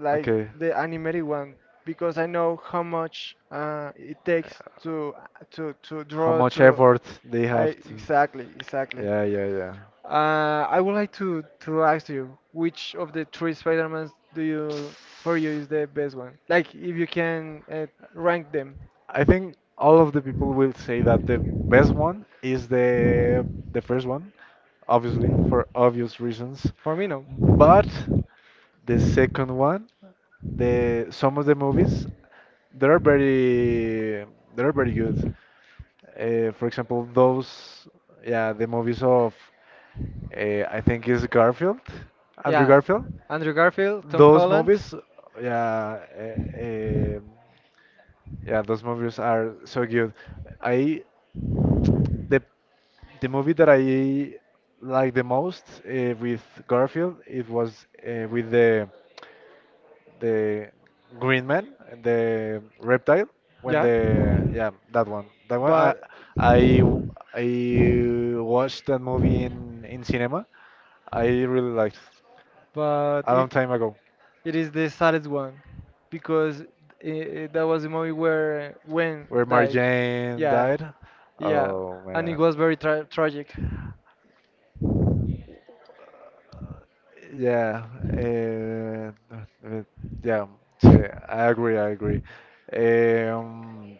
A: like
B: Okay.
A: the animated one, because I know how much it takes to
B: How
A: draw
B: much
A: to.
B: effort they
A: I
B: have to.
A: exactly exactly.
B: Yeah, yeah,
A: I would like to ask you, which of the three Spider-Mans do you for you is the best one? Like, if you can
B: yeah.
A: rank them.
B: I think all of the people will say that the best one is the first one, obviously, for obvious reasons.
A: For me, no.
B: But the second one, the some of the movies, they are very they are very good. For example, those yeah, the movies of I think is Garfield, Andrew
A: Yeah,
B: Garfield.
A: Andrew Garfield, Tom
B: Those
A: Holland.
B: movies, yeah, yeah, those movies are so good. I The movie that I like the most with Garfield it was with the Green Man, the reptile. When
A: Yeah,
B: the yeah that one
A: but
B: I w- I watched that movie in cinema. I really liked
A: but
B: a long
A: it,
B: time ago
A: it is the saddest one because I that was the movie where Gwen
B: where
A: died.
B: Marjane
A: Yeah,
B: died.
A: yeah,
B: Oh
A: and it
B: man.
A: was very tra tragic.
B: Yeah, uh, uh, yeah, sí, I agree, I agree. Um,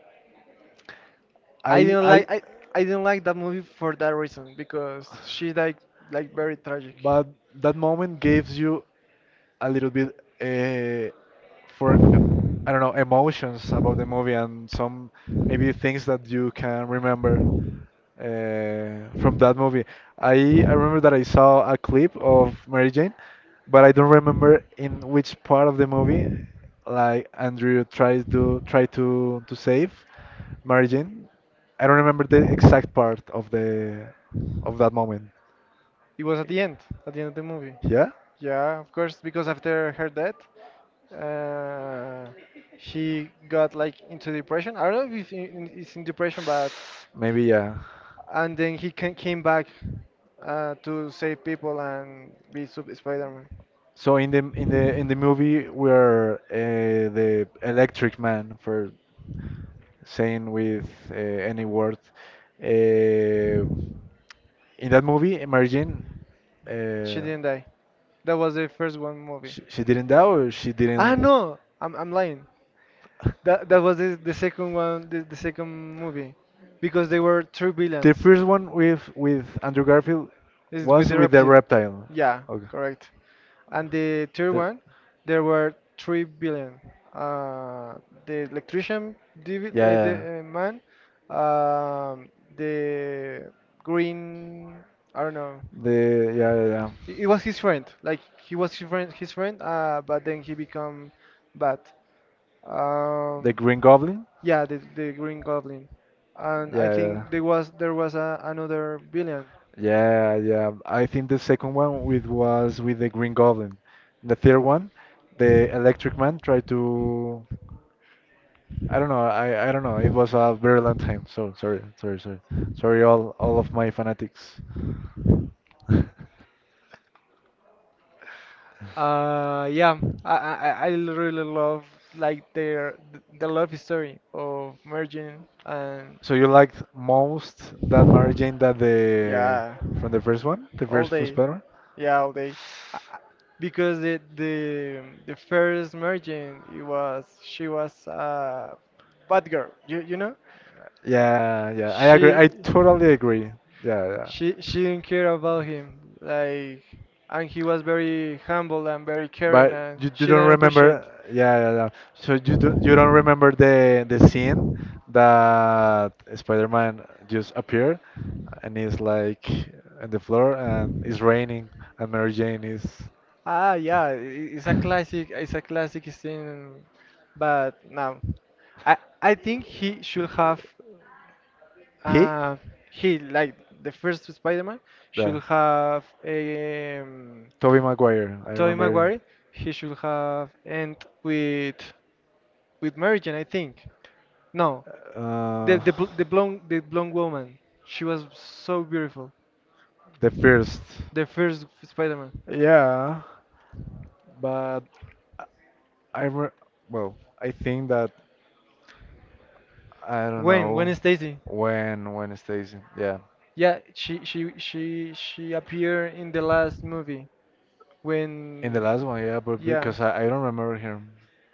A: I
B: I,
A: didn't like
B: I,
A: I, I didn't like that movie for that reason, because she died like very tragic.
B: but that moment gives you a little bit for I don't know, emotions about the movie and some maybe things that you can remember from that movie. I remember that I saw a clip of Mary Jane, but I don't remember in which part of the movie like Andrew tries to try to save Mary Jane. I don't remember the exact part of the of that moment.
A: It was at the end of the movie.
B: Yeah?
A: Yeah, of course, because after her death, uh, he got like into depression. I don't know if he's in depression, but
B: Maybe yeah.
A: and then he came back to save people and be Spider-Man.
B: So in the movie where the electric man for saying with any word uh, in that movie Mary Jane
A: She
B: uh,
A: didn't die. That was the first one movie.
B: she didn't die or she
A: Ah
B: didn't
A: no, I'm lying. That was the second one, the second movie, because they were three
B: the
A: villains.
B: first one with Andrew Garfield
A: It's with
B: was
A: the
B: with the
A: reptile.
B: reptile
A: Yeah,
B: okay
A: correct. And the third
B: that,
A: one, there were 3 billion. Uh, the electrician,
B: yeah, yeah,
A: the
B: yeah.
A: man, um, the green. I don't know.
B: The yeah yeah yeah.
A: It was his friend. Like he was his friend, his friend. But then he become bad.
B: The
A: Um,
B: Green Goblin.
A: yeah, the Green Goblin, and I
B: Yeah yeah
A: think there was a, another villain.
B: yeah yeah. I think the second one with was with the Green Goblin. The third one, the Electric Man tried to. I don't know. I don't know. It was a very long time. So sorry all of my fanatics.
A: Yeah, I really love like their the love story of merging, and
B: So you liked most that Mary Jane that the
A: yeah,
B: from the first one, the
A: all
B: first first
A: day,
B: Spider-Man?
A: yeah, all day, I, I- because the first merging it was she was a bad girl, you know,
B: Yeah, yeah, I agree.
A: she
B: I totally agree. Yeah, yeah.
A: she didn't care about him like, and he was very humble and very caring
B: But
A: and
B: you
A: she
B: don't
A: didn't appreciate.
B: remember, yeah, yeah, yeah. So you don't remember the scene that Spider-Man just appeared and he's like on the floor and it's raining and Mary Jane is
A: Ah, yeah, it's a classic. It's a classic scene, but no, I I think he should have
B: he?
A: uh he like the first Spider-Man
B: Yeah.
A: should have um.
B: Toby Maguire, I
A: Tobey
B: remember it.
A: Maguire. He should have end with with Mary Jane, I think. No,
B: Uh,
A: the the blonde woman. She was so beautiful.
B: the first.
A: The first Spider-Man.
B: Yeah, but I re well, I think that I don't
A: Gwen,
B: know
A: Gwen Stacy.
B: when Stacy. Yeah.
A: Yeah, she appeared in the last movie,
B: In the
A: when
B: last one, yeah, but
A: yeah,
B: because I don't remember him,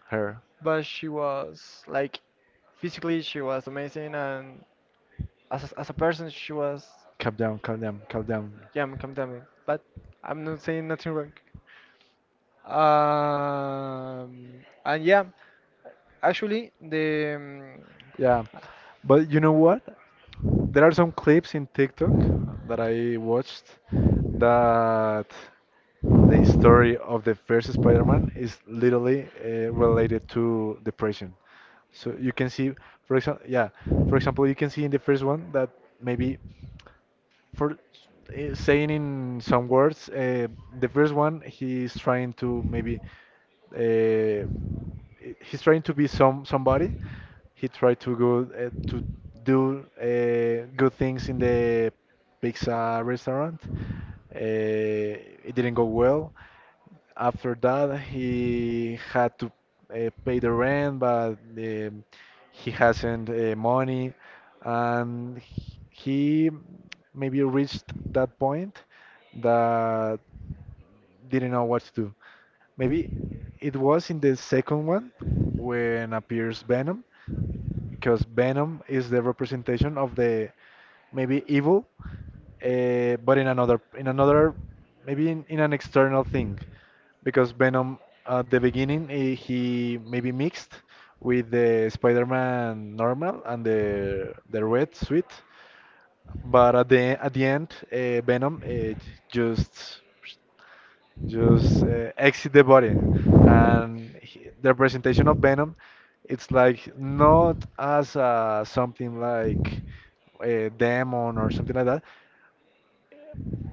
B: her.
A: but she was like physically she was amazing and as a person she was
B: Calm down, calm down, calm down.
A: yeah, I'm condemning, but I'm not saying nothing wrong. Um, and yeah, actually the
B: Yeah, but you know what? There are some clips in TikTok that I watched that the story of the first Spider-Man is literally related to depression. So you can see, for example, yeah, for example, you can see in the first one that maybe for saying in some words, the first one he's trying to maybe. Uh, he's trying to be somebody. He tried to go to do good things in the pizza restaurant. Uh, it didn't go well. After that, he had to pay the rent, but he hasn't money, and he maybe reached that point that didn't know what to do. Maybe it was in the second one when appears Venom, because Venom is the representation of the maybe evil, but in another maybe in an external thing, because Venom at the beginning he maybe mixed with the Spider-Man normal and the red suit, but at the end Venom just just exit the body. And he, the presentation of Venom, it's like not as something like a demon or something like that,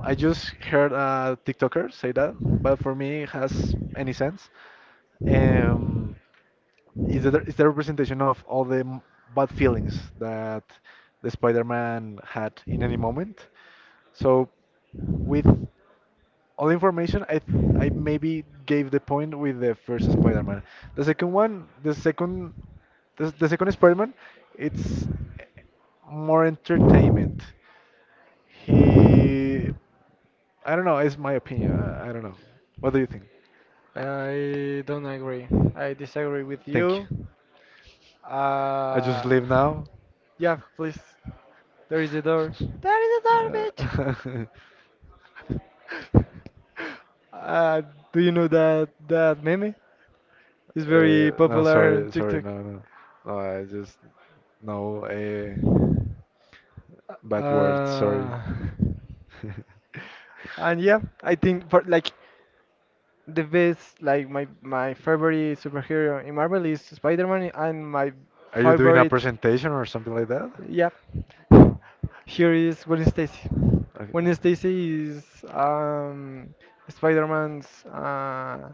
B: I just heard a TikToker say that, but for me, it has any sense. Um, is the representation of all bad feelings that the Spider-Man had in any moment. So with all information, I maybe gave the point with the first Spider-Man. The second one, the second the second Spider-Man, it's eh, more entertainment. He, I don't know. It's my opinion. I don't know. What do you think?
A: I don't agree. I disagree with
B: Thank you.
A: you.
B: I just
A: Uh,
B: leave now.
A: yeah, please. There is a door. There is a door,
B: Uh,
A: bitch.
B: uh,
A: Uh, do you know that that meme is very
B: no,
A: popular on
B: sorry, sorry,
A: TikTok?
B: no, no, no. I just no bad words. Sorry.
A: Uh, and yeah, I think for like the best, like my favorite superhero in Marvel is Spider-Man, and my
B: Are you doing a
A: favorite,
B: presentation or something like that?
A: yeah,
B: Oh,
A: here is Gwen Stacy. Gwen
B: okay,
A: Stacy is Spider-Man's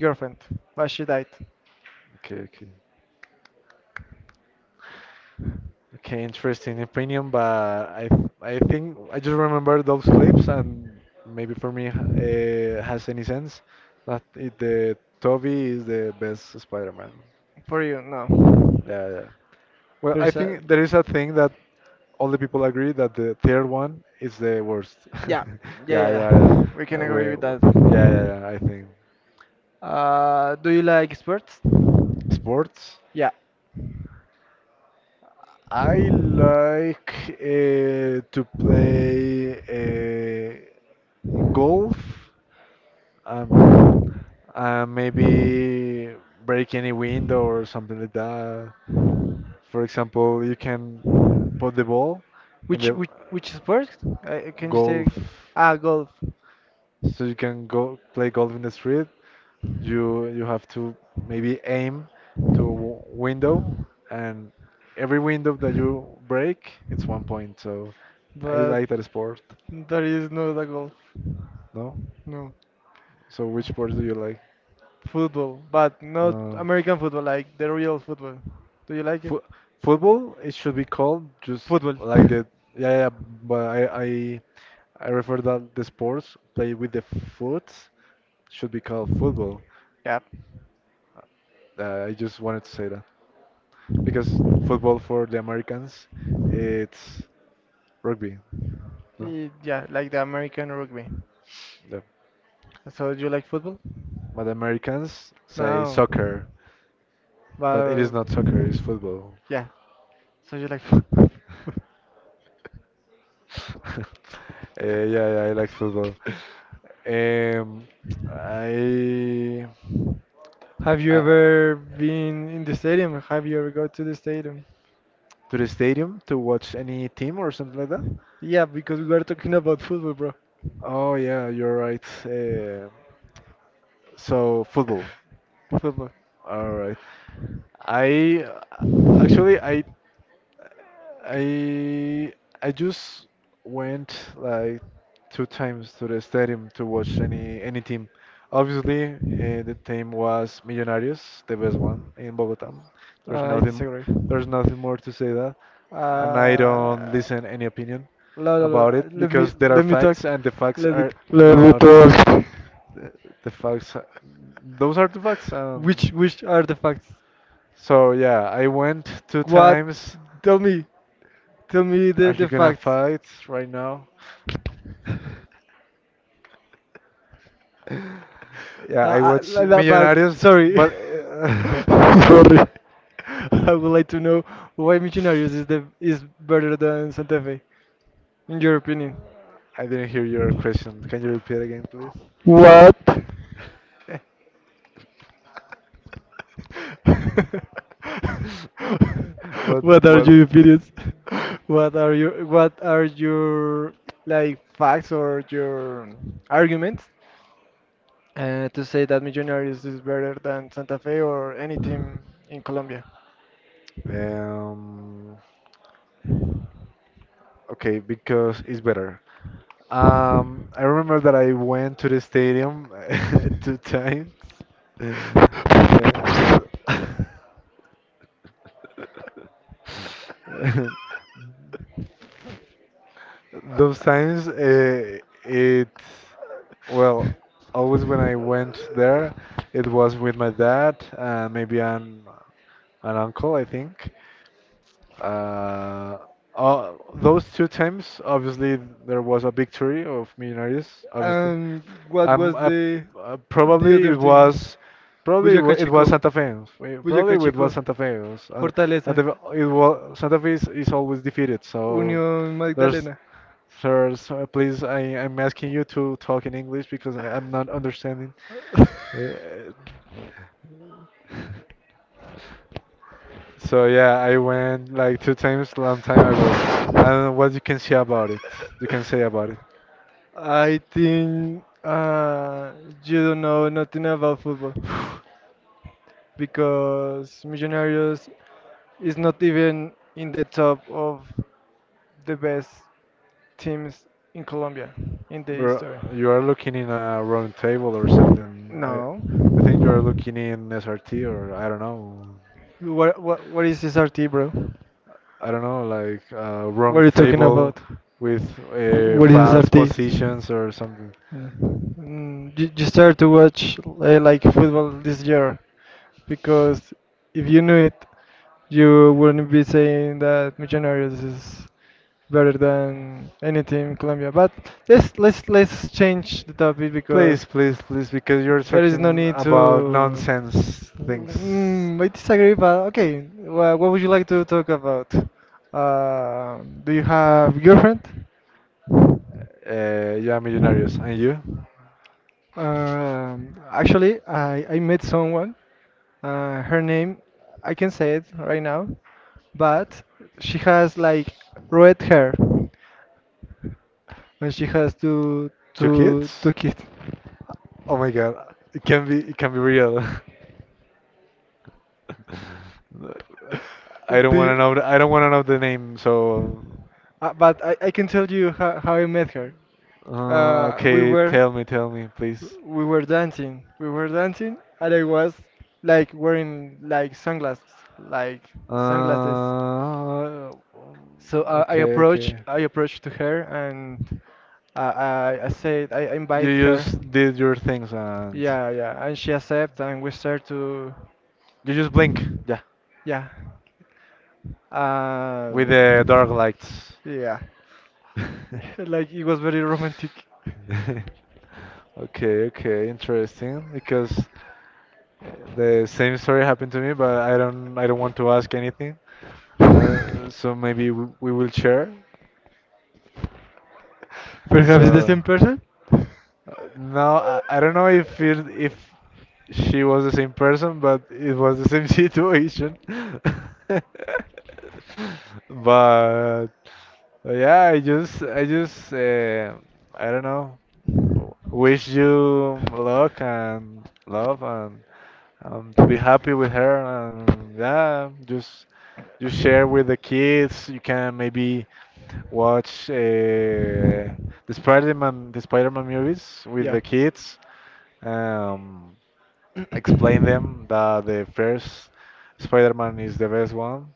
A: girlfriend, but she died.
B: okay, okay. Okay, interesting opinion, but I think I just remember those clips, and maybe for me has any sense that the Toby is the best Spider-Man.
A: For you, no.
B: Yeah, yeah. Well, I
A: There's a
B: think there is a thing that all the people agree that the third one is the worst.
A: yeah, yeah,
B: Yeah,
A: yeah,
B: yeah, yeah.
A: yeah. We can agree
B: We,
A: with
B: we,
A: that.
B: yeah, yeah, yeah. I think
A: Do you like sports?
B: sports.
A: Yeah.
B: I like to play golf. Um, maybe break any window or something like that. For example, you can put the ball in
A: Which
B: the
A: which which sports? Can you say?
B: golf,
A: Ah, golf.
B: so you can go play golf in the street. You have to maybe aim to a window, and every window that you break, it's one point. So I
A: But
B: like that sport.
A: there is no the golf.
B: No?
A: No,
B: So which sport do you like?
A: football, but not
B: Uh,
A: American football, like the real football. Do you like it?
B: Fu- Football, it should be called just
A: Football.
B: like the yeah, yeah, but I refer that the sports play with the foot should be called football.
A: Yeah.
B: I just wanted to say that because football for the Americans it's rugby, no,
A: Y- Yeah, like the American rugby.
B: yeah.
A: So you like football?
B: But the Americans say
A: No,
B: soccer, but it is
A: but
B: not soccer, it's football.
A: yeah. So you like football?
B: uh, yeah, yeah, I like football. Um, I
A: Have you
B: I.
A: ever been in the stadium? Have you ever go to the stadium?
B: To the stadium to watch any team or something like that?
A: Yeah, because we are talking about football, bro.
B: Oh yeah, you're right. So football.
A: Football.
B: All right. I actually I I just went like two times to the stadium to watch any team. Obviously, the team was Millonarios, the best one in Bogota. There's
A: I
B: nothing
A: disagree.
B: there's nothing more to say that, and I don't
A: Uh,
B: listen any opinion
A: no, no, no.
B: about it
A: Let me
B: because there are
A: let me talk.
B: facts and the facts
A: Let me
B: are
A: let me
B: not
A: talk.
B: the, the facts. are- Those are the facts.
A: Which are the facts?
B: So yeah, I went two
A: What?
B: times.
A: Tell me. Tell me
B: Are you
A: the
B: gonna
A: facts.
B: fight right now? Yeah, I watch
A: Not bad.
B: Millonarios,
A: Sorry.
B: but
A: Sorry. I would like to know why Millonarios is the is better than Santa Fe, in your opinion.
B: I didn't hear your question. Can you repeat again, please?
A: What? What are
B: What?
A: your opinions? What are your like facts or your arguments to say that Millonarios is better than Santa Fe or any team in Colombia?
B: Um, Okay, because it's better. I remember that I went to the stadium two times. And those times, well, always when I went there, it was with my dad, uh, maybe an uncle, I think. Uh, those two times, obviously, there was a victory of Millonarios, obviously.
A: And what was
B: Um, uh,
A: the
B: probably
A: other
B: it
A: thing?
B: was, probably wa-
A: Boyacá
B: It was
A: Chico,
B: Santa Fe.
A: Boyacá
B: Probably it was
A: Chico,
B: Santa Fe.
A: Fortaleza,
B: Santa Fe, Santa Fe is always defeated. So
A: Unión
B: there's,
A: Magdalena.
B: there's please, I'm asking you to talk in English because I'm not understanding. Uh, So yeah, I went like two times long time ago. I don't know what you can say about it. You can say about it.
A: I think you don't know nothing about football, because Millonarios is not even in the top of the best teams in Colombia in the
B: Bro,
A: history.
B: you are looking in a round table or something.
A: No.
B: I think you are looking in SRT or I don't know.
A: What what is SRT, bro?
B: I don't know, like a
A: What
B: round
A: are you talking
B: table
A: about?
B: with
A: What is
B: false
A: SRT? Mm,
B: positions or something.
A: mm, you start to watch like football this year, because if you knew it, you wouldn't be saying that Millonarios is better than any team in Colombia. But let's change the topic,
B: Please,
A: because
B: please, please, because you're
A: there is no
B: talking
A: need
B: about
A: to
B: nonsense things.
A: mm, I disagree, but okay. Well, what would you like to talk about? Uh, do you have girlfriend?
B: Yeah, millionaires. And you?
A: Actually, I met someone. Her name, I can say it right now, but she has like red hair, and she has
B: Two kids?
A: two kids.
B: Oh my God, it can be real. I don't
A: Do
B: want to
A: you?
B: know. I don't want to know the name. So,
A: But I can tell you how I met her. Uh, we
B: okay,
A: were
B: tell me, please.
A: we were dancing, we were dancing, and I was like wearing like sunglasses, like
B: Uh,
A: sunglasses. So I
B: okay,
A: approached
B: okay.
A: I approached to her, and I said I invite
B: You
A: her.
B: just did your things and
A: Yeah, yeah, and she accept and we start to
B: you just blink, yeah,
A: yeah.
B: with
A: Um,
B: the dark lights.
A: yeah. Like it was very romantic.
B: Okay, okay, interesting. Because the same story happened to me, but I don't want to ask anything. So maybe we will share.
A: Perhaps the
B: So.
A: same person?
B: No, I don't know if she was the same person, but it was the same situation. But yeah, I don't know. Wish you luck and love and to be happy with her, and yeah, just share with the kids. You can maybe watch the Spider-Man movies with
A: Yeah.
B: the kids, um, explain them that the first Spider-Man is the best one,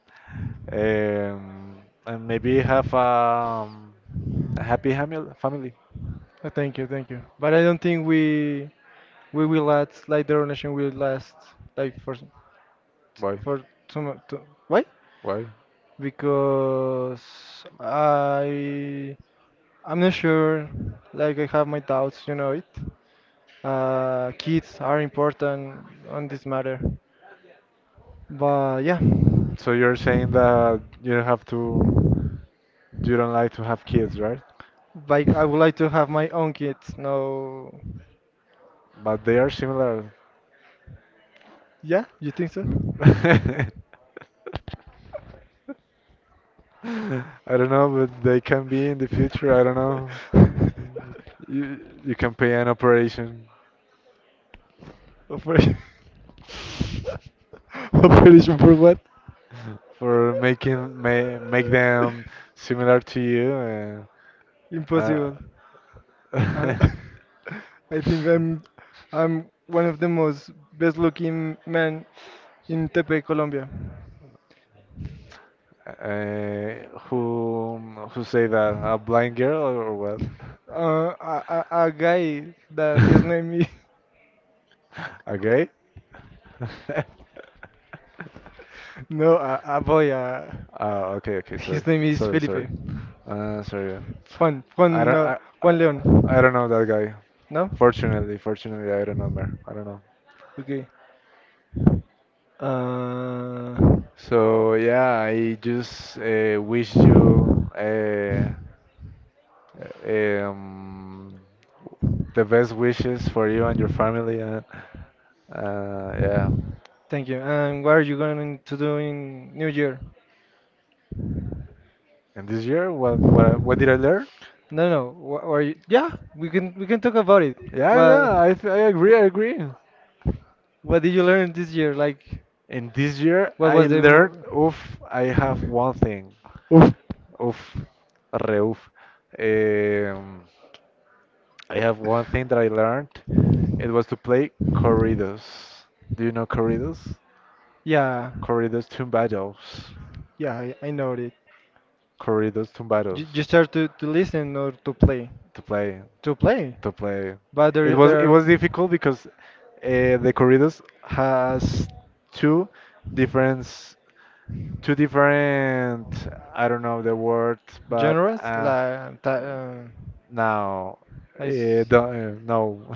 B: um, and maybe have a happy family.
A: Thank you, thank you. But I don't think we will last, like the relation will last like
B: Why?
A: for too much. Why?
B: Why?
A: Because I I'm not sure. Like I have my doubts, you know it. Kids are important on this matter. But yeah,
B: So you're saying that you don't have to, you don't like to have kids, right,
A: like I would like to have my own kids. No,
B: but they are similar.
A: yeah, you think so?
B: Mm. I don't know, but they can be in the future. I don't know. You you can pay an operation
A: Operation, operation for what?
B: for making ma make them similar to you. And, uh,
A: Impossible. Uh, I think I'm one of the most best looking men in Tepe, Colombia.
B: uh, who say that, a blind girl or what?
A: A guy that his name is
B: A gay?
A: no, a boy.
B: Oh, okay, okay, sorry,
A: His name is
B: sorry,
A: Felipe.
B: sorry. Sorry.
A: Juan
B: I
A: Juan
B: don't,
A: uh,
B: I,
A: Juan Leon.
B: I don't know that guy.
A: No?
B: Fortunately, fortunately, I don't know, man. I don't know.
A: Okay. Uh,
B: So yeah, I just wish you uh, um, the best wishes for you and your family. And yeah,
A: Thank you. And what are you going to do in New Year?
B: and this year, what did I learn?
A: No, no. What are you? Yeah, we can talk about it.
B: Yeah, yeah,
A: Well.
B: I agree, I agree.
A: What did you learn this year? Like,
B: In this year,
A: what
B: I
A: was the
B: learned,
A: mo
B: oof, I have one thing.
A: Oof.
B: Oof, re oof. Um, I have one thing that I learned. It was to play corridos. Do you know corridos?
A: Yeah,
B: Corridos tumbados.
A: yeah, I know it.
B: Corridos tumbados.
A: You start to listen or to play,
B: To play,
A: to play.
B: to play.
A: But there
B: It
A: there are
B: was difficult because the corridos has two different two different, I don't know the word, but
A: genres like
B: Now,
A: I
B: eh,
A: s-
B: don't, eh, no,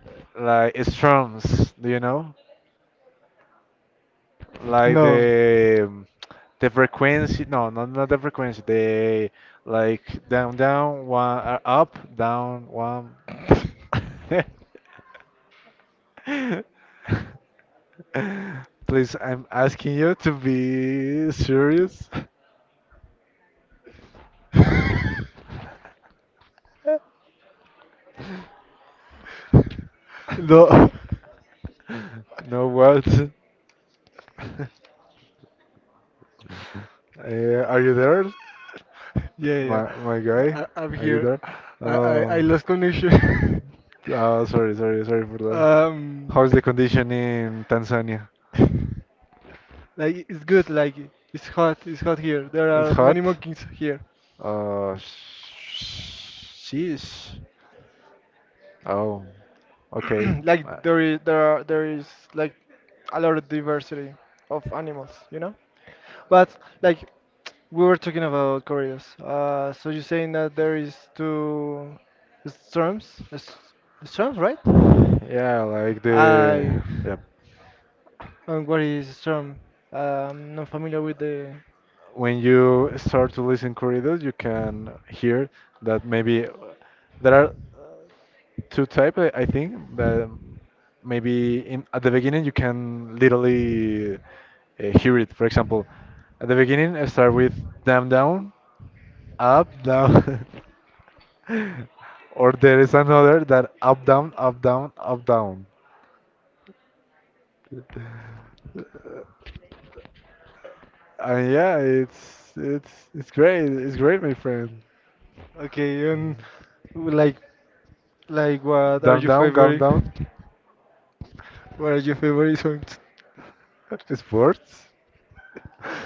B: like strums, do you know? Like
A: no.
B: the frequency, no, not the frequency. The, like down, down, one, up, down, one. Please, I'm asking you to be serious.
A: No.
B: No, what? Are you there,
A: Yeah, yeah.
B: my guy?
A: I'm
B: Are you
A: here.
B: there?
A: I
B: Oh,
A: lost connection.
B: oh, sorry, sorry, sorry for that.
A: um,
B: How's the condition in Tanzania?
A: like it's good. Like it's hot. It's hot here. There
B: It's
A: are
B: hot.
A: many monkeys here.
B: Sheesh. Oh, okay. Uh,
A: Like there is like a lot of diversity of animals. You know. But like we were talking about corridas. So you're saying that there is two storms? Storms, right?
B: Yeah, like
A: I.
B: the yeah.
A: And what is storm? Am not familiar with the.
B: When you start to listen corridos, you can hear that maybe there are two type, I think that maybe at the beginning you can literally hear it. For example, at the beginning I start with down down up down. Or there is another that up down up down up down. Uh, And yeah, it's great. It's great, my friend.
A: Okay, and like, what are
B: Down
A: your
B: down down
A: favorite?
B: down.
A: What are your favorite songs?
B: Sports.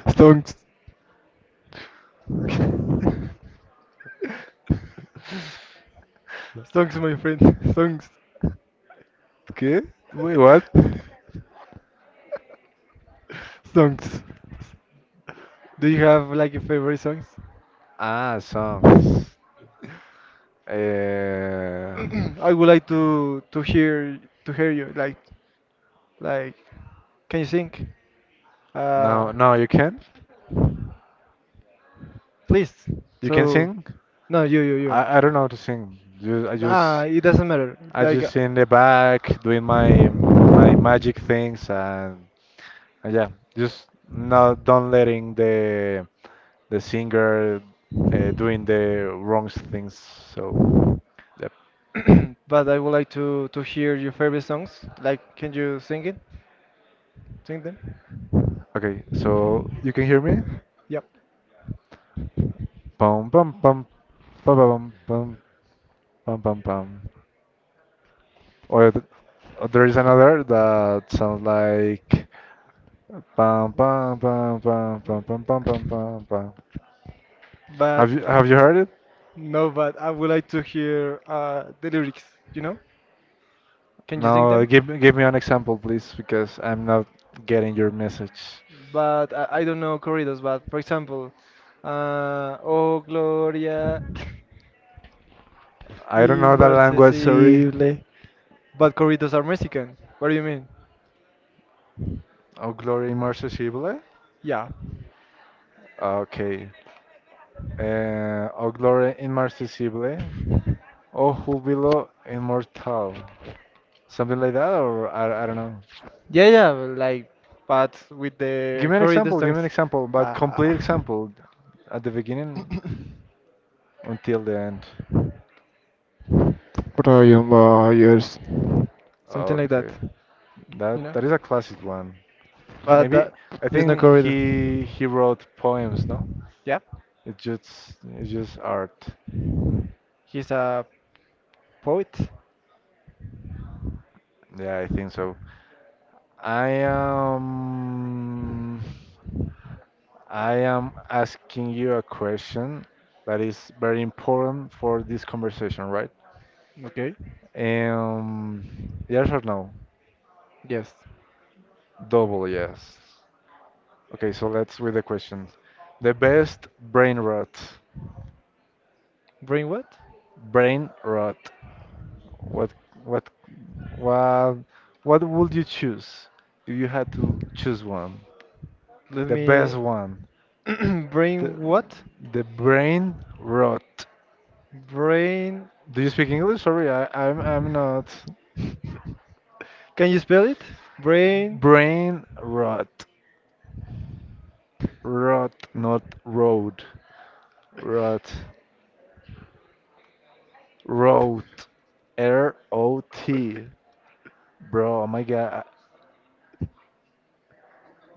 A: Songs, songs, my friend, songs,
B: Okay. Wait, what?
A: songs. Do you have like your favorite songs?
B: Ah, songs. Uh,
A: I would like to hear you like like. Can you sing? Uh,
B: no, no, you can.
A: Please.
B: You can
A: So,
B: sing.
A: no, you.
B: I don't know how to sing. I
A: Ah,
B: just
A: it doesn't matter. Like,
B: in the back doing my magic things, and yeah, just not don't letting the singer doing the wrong things. So yep.
A: but I would like to hear your favorite songs. Like, can you sing it? Sing them?
B: Okay, so you can hear me?
A: Yep.
B: Pum pum pum pum pum pum pum pum pum. Or th- or there is another that sounds like pum pum pum pum pum pum pum pum pum, pum.
A: But
B: Have you heard it?
A: no, but I would like to hear the lyrics. You know? Can you sing
B: No,
A: them?
B: give me an example, please, because I'm not getting your message.
A: But I don't know corridos. But for example, Oh Gloria,
B: I don't know the language. Sorry.
A: inmarcesible. But corridos are Mexican. What do you mean?
B: O glory immersible.
A: Yeah.
B: Okay. O glory immersible. O júbilo inmortal. Something like that, or I don't know.
A: Yeah, yeah, like, but with
B: Give
A: the
B: me an
A: corrido
B: example. Give me an
A: songs,
B: example, but
A: uh,
B: complete example, at the beginning until the end.
A: Brian Myers. Something like that,
B: Okay,
A: you know?
B: that is a classic one.
A: But
B: Maybe
A: that
B: I
A: is not
B: think
A: corrido.
B: he wrote poems, no?
A: Yeah,
B: It's just art.
A: he's a poet.
B: Yeah, I think so. I am I am asking you a question that is very important for this conversation, right?
A: Okay.
B: Um, yes or no?
A: Yes.
B: Double yes. Okay, so let's read the question. The best brain rot.
A: Brain what?
B: Brain rot. What what what what would you choose if you had to choose one?
A: Let
B: The best
A: me.
B: one. The,
A: Brain what?
B: the brain rot.
A: Brain.
B: Do you speak English? Sorry, I'm not.
A: Can you spell it? Brain.
B: Brain rot. Rot, not road. Rot. Rot. R O T. Bro, oh my god.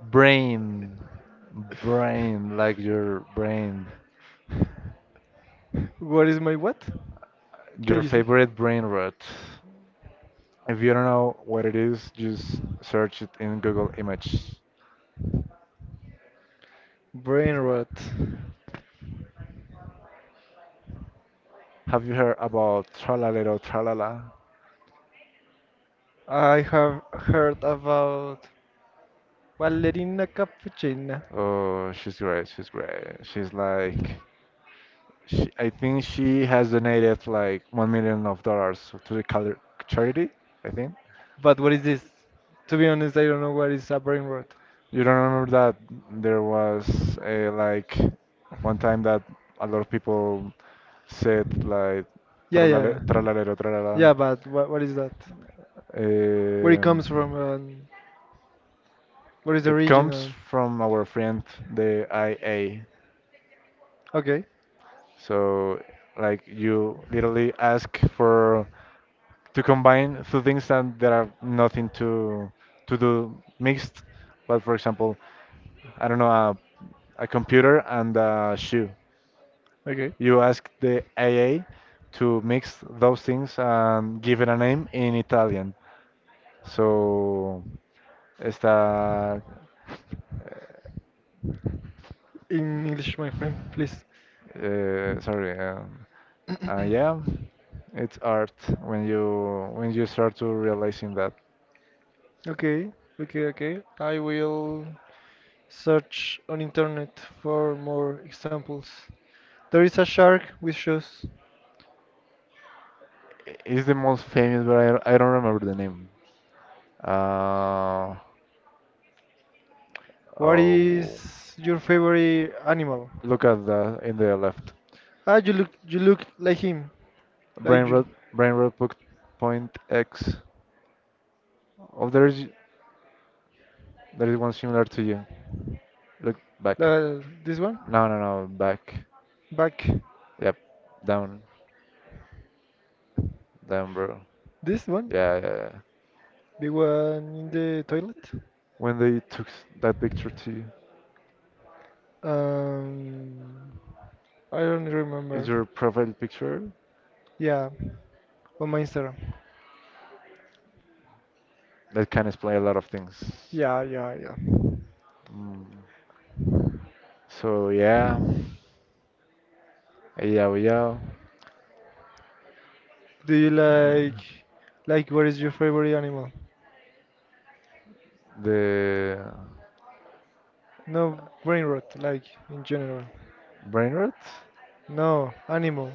B: Brain. Brain, like your brain.
A: What is my what? Can
B: Your
A: you see?
B: favorite brain rot. If you don't know what it is, just search it in Google Image.
A: Brain rot.
B: Have you heard about Tralalero Tralala?
A: I have heard about ballerina cappuccina.
B: Oh, she's great. She's great. She's like, she, I think she has donated like 1 million of dollars to the color charity. I think.
A: But what is this? To be honest, I don't know what is a brain rot.
B: You don't remember that there was a, like one time that a lot of people said like
A: Yeah, yeah.
B: tralalero
A: Yeah,
B: tralala.
A: but what is that? Where it comes from
B: Um,
A: and what is the
B: it
A: origin
B: comes
A: and...
B: from our friend the IA.
A: Okay,
B: So like you literally ask for to combine two things that there are nothing to to do mixed. But for example, I don't know, a computer and a shoe.
A: okay.
B: You ask the AA to mix those things and give it a name in Italian. So está
A: In English, my friend, please.
B: Sorry. Yeah, it's art when you start to realizing that
A: Okay, okay, okay. I will search on internet for more examples. There is a shark with shoes.
B: it's the most famous, but I don't remember the name. Uh,
A: What
B: oh,
A: is your favorite animal?
B: look at the in the left.
A: Ah, you look like him,
B: Brain
A: like you,
B: rot, Brain rot point X. Oh, there is one similar to you. Look back.
A: this one,
B: No, no, no, back.
A: back,
B: Yep, down, down, bro.
A: this one,
B: Yeah, yeah, yeah.
A: the one in the toilet.
B: When they took that picture to you.
A: Um, I don't
B: It's
A: remember.
B: your profile picture
A: Yeah, on my Instagram.
B: that can explain a lot of things.
A: Yeah, yeah, yeah.
B: Mm. So yeah, yeah, yeah.
A: Do you like what is your favorite animal?
B: The
A: No brain rot, like in general.
B: brain rot.
A: No animal.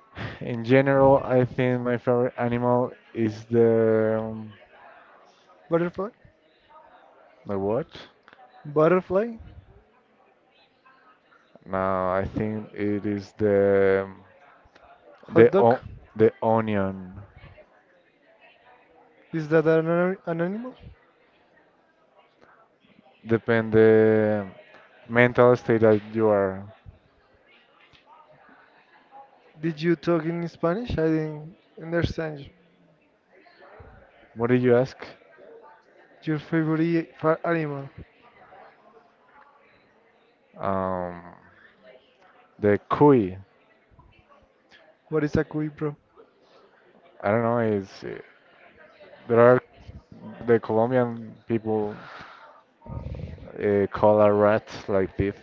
B: In general, I think my favorite animal is the um,
A: Butterfly.
B: the what?
A: Butterfly.
B: No, I think it is the
A: Hot dog.
B: o the onion.
A: Is that an animal?
B: Depend the mental state that you are.
A: Did you talk in Spanish? I didn't understand you.
B: What did you ask?
A: Your favorite animal?
B: Um, the cuy.
A: What is a cuy,
B: I don't know. Is There are the Colombian people call a rat like this.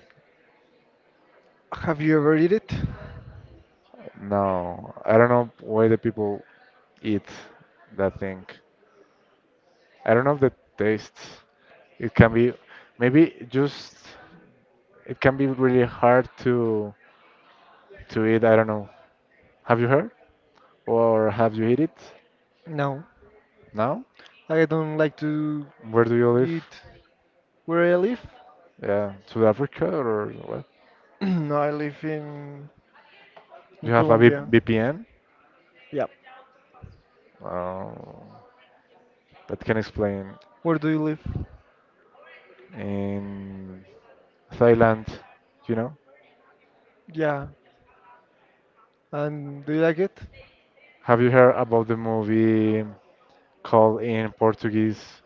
A: Have you ever eat it?
B: No, I don't know why the people eat that thing. I don't know if the tastes. It can be maybe just it can be really hard to eat. I don't know. Have you heard or have you eat it
A: No,
B: now?
A: I don't like to
B: Where do you live?
A: eat. Where I live?
B: Yeah, South Africa or what?
A: No, I live in
B: You have a
A: Colombia.
B: VPN?
A: Yeah.
B: Uh, that can explain.
A: Where do you live?
B: And Thailand, you know?
A: Yeah, and do you like it?
B: Have you heard about the movie called in Portuguese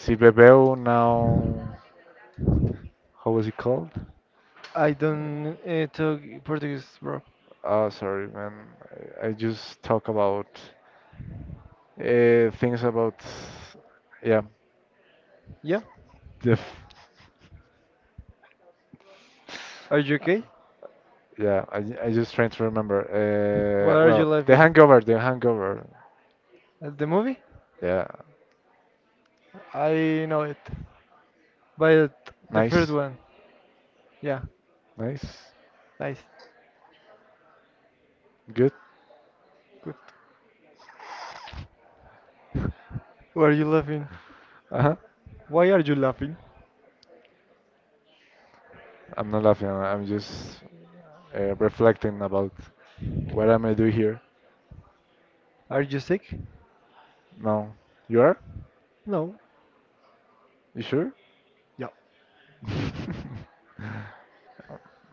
B: Se Bebeu Now? How was it called?
A: I don't talk Portuguese, bro.
B: Oh, sorry, man. I just talk about things about, yeah,
A: Yeah.
B: the, f-
A: Are you okay?
B: yeah. I just trying to remember.
A: What are you
B: Well, The
A: laughing?
B: Hangover, The Hangover.
A: At the movie?
B: Yeah,
A: I know it. But the first
B: nice,
A: one, yeah,
B: nice,
A: nice,
B: good.
A: good. Why are you laughing?
B: Uh-huh.
A: Why are you laughing?
B: I'm not laughing. I'm just reflecting about what am I do here.
A: Are you sick?
B: No. You are?
A: No.
B: You sure?
A: Yeah.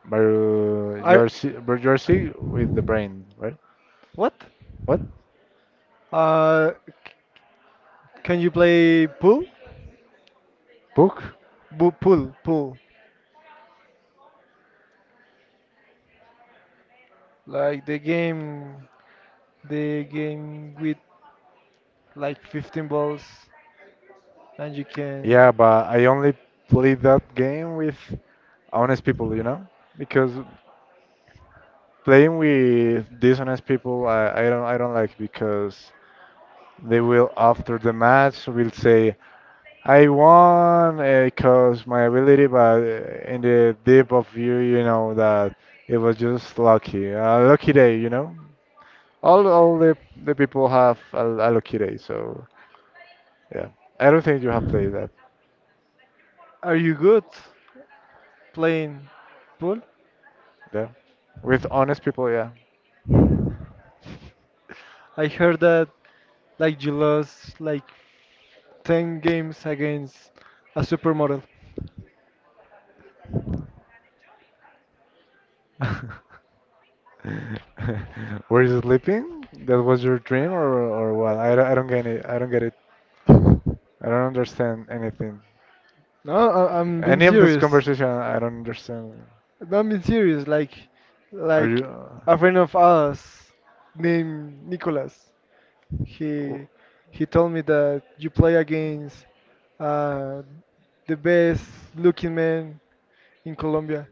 B: But
A: Are
B: you are sick with the brain, right?
A: what?
B: What?
A: Uh, c- can you play pool?
B: Book?
A: Bu Pool, pool. Like the game, with like 15 balls, and you can.
B: Yeah, but I only play that game with honest people, you know? Because playing with dishonest people, I don't like because they will after the match will say I won because my ability, but in the deep of you, you know that it was just lucky, a lucky day, you know? All the people have Al Alokire, so yeah. I don't think you have played that.
A: Are you good playing pool?
B: Yeah. With honest people, yeah.
A: I heard that like you lost like 10 games against a supermodel.
B: Were you sleeping? That was your dream or what? I don't get it. I don't get it. I don't understand anything.
A: No, I'm being
B: Any of this
A: serious.
B: conversation, I don't understand.
A: No, I'm being serious. Like,
B: Are
A: like
B: you
A: a friend of ours named Nicholas.
B: w-
A: He he told me that you play against uh, the best looking man in Colombia.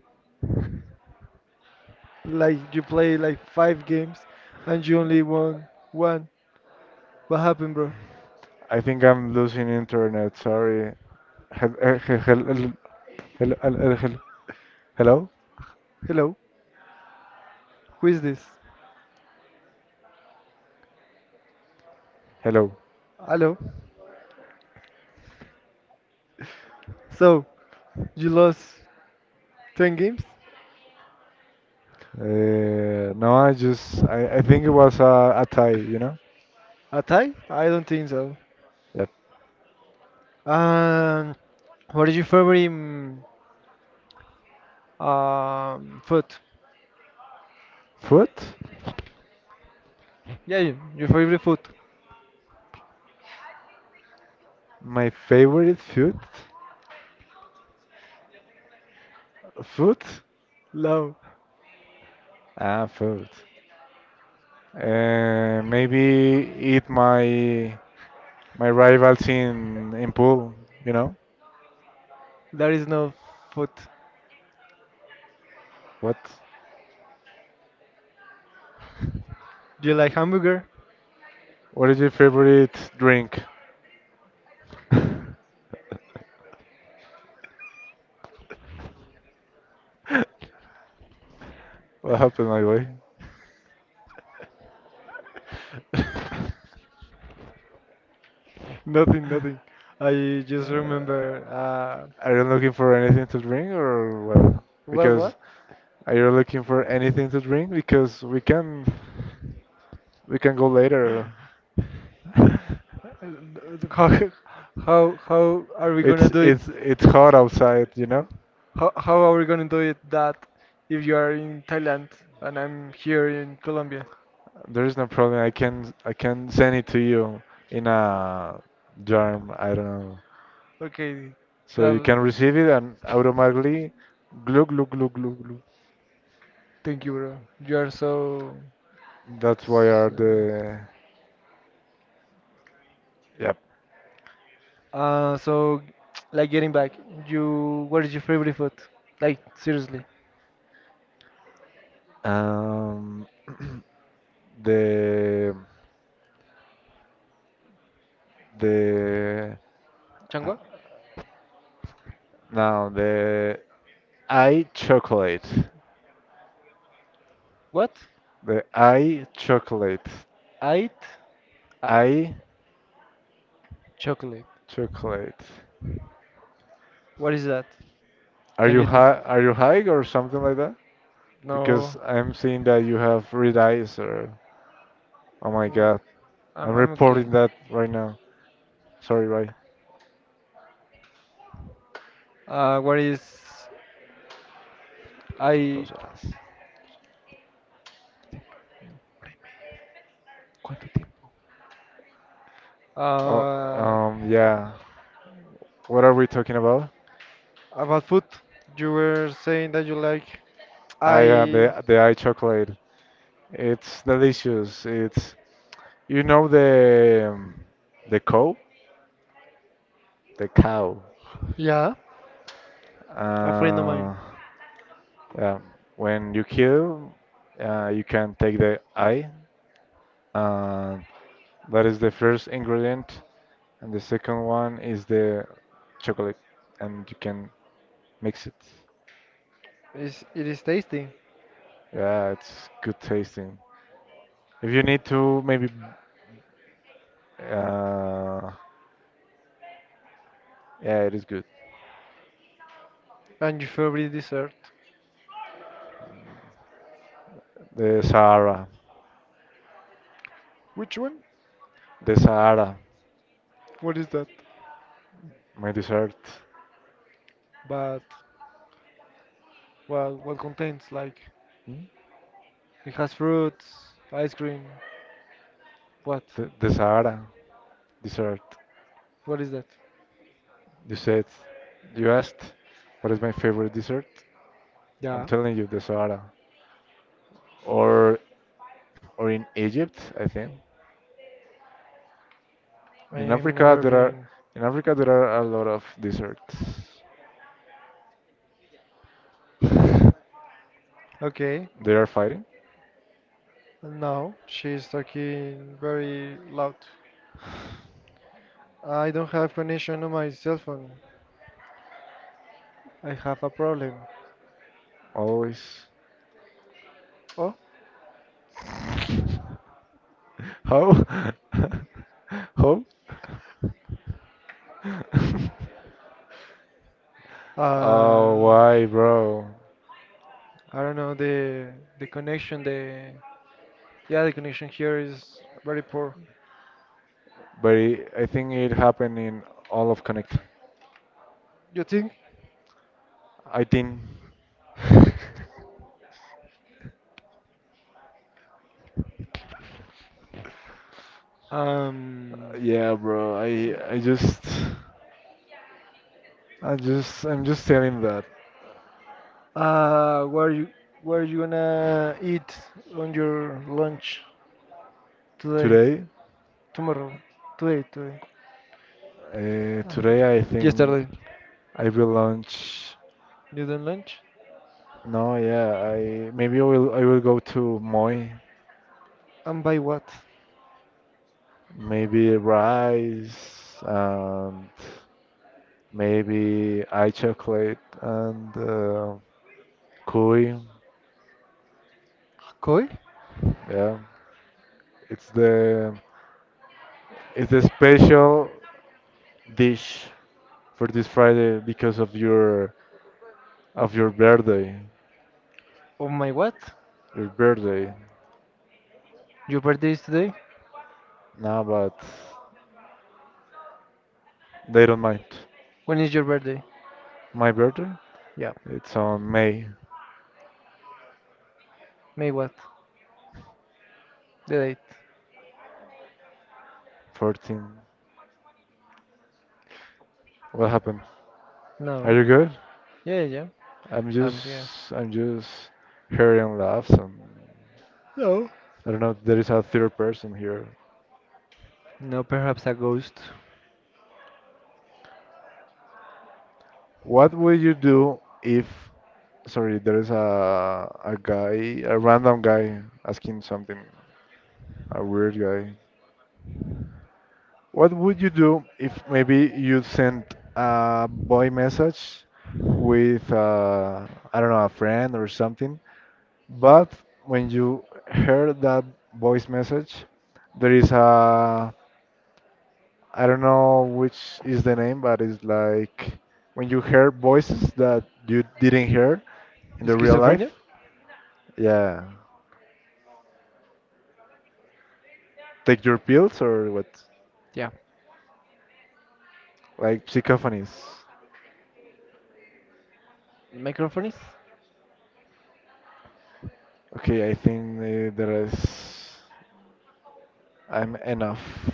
A: Like you play like five games and you only won one. What happened, bro?
B: I think I'm losing internet. Sorry. Hel- eh, he- hel- el- hel- el- el- hel- Hello?
A: Hello, who is this?
B: Hello.
A: Hello. So you lost 10 games?
B: No, I think it was a Thai.
A: A tie? I don't think so.
B: Yep.
A: And what is your favorite food?
B: Food?
A: Yeah, your favorite food.
B: My favorite food? Food?
A: No,
B: Ah, food. Maybe eat my rivals in pool, you know.
A: there is no food.
B: What?
A: Do you like hamburger?
B: What is your favorite drink? What happened, my boy?
A: Nothing, nothing. I
B: Uh,
A: just remember.
B: are you looking for anything to drink, or well?
A: What,
B: Because
A: what?
B: are you looking for anything to drink? Because we can. We can go later.
A: How, how are we gonna
B: It's
A: do it?
B: it's it's hot outside, you know?
A: How are we gonna do it that if you are in Thailand and I'm here in Colombia?
B: There is no problem. I can send it to you in a germ, I don't know.
A: Okay,
B: So you
A: that,
B: can receive it and automatically glug glug glug glug glug.
A: thank you, bro. You are so.
B: That's why are
A: No.
B: the, yep.
A: So, like getting back, you what is your favorite food? Like seriously,
B: Um the the uh,
A: Changwa?
B: the I chocolate.
A: What?
B: The I chocolate.
A: Ait? Uh,
B: I
A: Chocolate.
B: chocolate.
A: What is that?
B: Are
A: Can
B: you
A: you do?
B: high? Are you high or something like that? Because
A: No.
B: I'm seeing that you have red eyes. Or oh my
A: No,
B: God,
A: I'm
B: I'm
A: I'm okay.
B: reporting that right now. Sorry, bye.
A: What is I?
B: Dos horas. ¿Cuánto tiempo? Oh,
A: Uh,
B: yeah. What are we talking about?
A: about food, you were saying that you like.
B: Ah, yeah,
A: I.
B: the eye chocolate. It's delicious. It's the the cow, the cow.
A: Yeah, a friend of mine.
B: Uh, yeah. When you kill, you can take the eye, and that is the first ingredient. And the second one is the chocolate, and you can mix it.
A: Is it is tasty.
B: Yeah, it's good tasting. If you need to, maybe, uh, yeah, it is good.
A: And your favorite dessert?
B: The Sahara,
A: Which one?
B: the Sahara,
A: What is that?
B: my dessert.
A: But well, what contains like
B: Hmm?
A: it has fruits, ice cream. What?
B: The Sahara dessert.
A: What is that?
B: You said, you asked, what is my favorite dessert? I'm
A: Yeah,
B: telling you, the Sahara. Or in Egypt, I think. In
A: I've
B: Africa
A: never
B: there are
A: been.
B: in Africa there are a lot of deserts.
A: Okay,
B: They are fighting
A: and now she's talking very loud. I don't have connection on my cell phone. I have a problem.
B: always.
A: Oh,
B: How? How? Oh,
A: Uh,
B: why, bro?
A: I don't know the connection. The Yeah, the connection here is very poor.
B: But I think it happened in all of Connect.
A: You think?
B: I think,
A: Um,
B: yeah, bro. I'm just telling that
A: Uh, what are you what are you gonna eat on your lunch today?
B: today.
A: Tomorrow? Today, today.
B: Today I think
A: Yesterday.
B: I will launch.
A: You done lunch?
B: No, yeah, I will go to Moi,
A: And by what?
B: maybe rice and maybe eye chocolate and cuy.
A: Koi?
B: Yeah, it's the it's the special dish for this Friday because of your birthday,
A: On my what?
B: your birthday.
A: Your birthday is today?
B: No, but they don't mind.
A: When is your birthday?
B: My birthday?
A: Yeah.
B: It's on May
A: May what? The date?
B: 14. What happened? Are
A: No.
B: you good?
A: Yeah, yeah.
B: I'm
A: I'm here.
B: just I'm just hearing laughs, and
A: No.
B: I don't know, there is a third person here.
A: No, perhaps a ghost.
B: What would you do if, sorry, there is a guy, a random guy asking something, a weird guy. What would you do if maybe you sent a boy message with I don't know, a friend or something, but when you heard that voice message, there is a, I don't know which is the name, but it's like when you hear voices that you didn't hear in the real
A: Schizophrenia?
B: life. Yeah. Take your pills or what?
A: Yeah.
B: Like psychophonies.
A: Microphonies?
B: Okay, I think there is. I'm enough.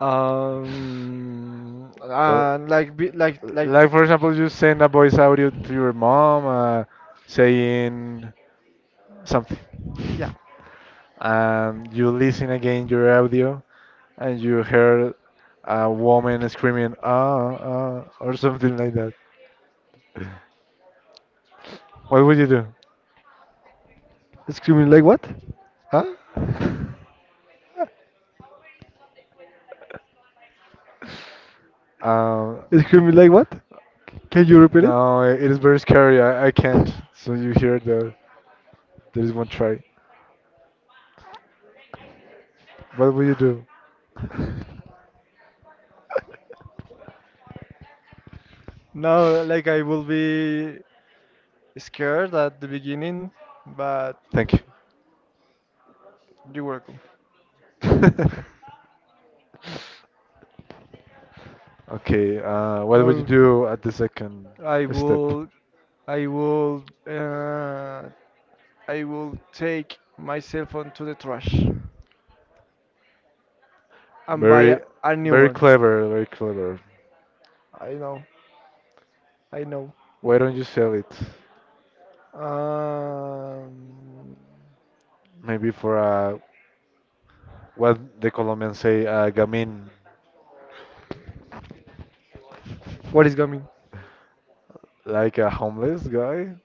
B: Uh,
A: Like,
B: like for example, you send a voice audio to your mom, saying something,
A: Yeah.
B: and you listen again your audio, and you heard a woman screaming ah ah or something like that, what would you do?
A: Screaming like what?
B: Huh? Um,
A: Screaming like what? Can you repeat it?
B: no, it is very scary. I can't. So you hear there is one try. What will you do?
A: No, like I will be scared at the beginning, but
B: Thank you.
A: You welcome.
B: Okay, what would you
A: Um,
B: do at the second
A: I
B: step?
A: will, I will, uh, I will take my cell phone to the trash and buy
B: Very,
A: a new
B: very
A: one.
B: clever, very clever.
A: I know, I know.
B: Why don't you sell it?
A: Um,
B: Maybe for a what the Colombians say, gamin,
A: what is coming?
B: like a homeless guy.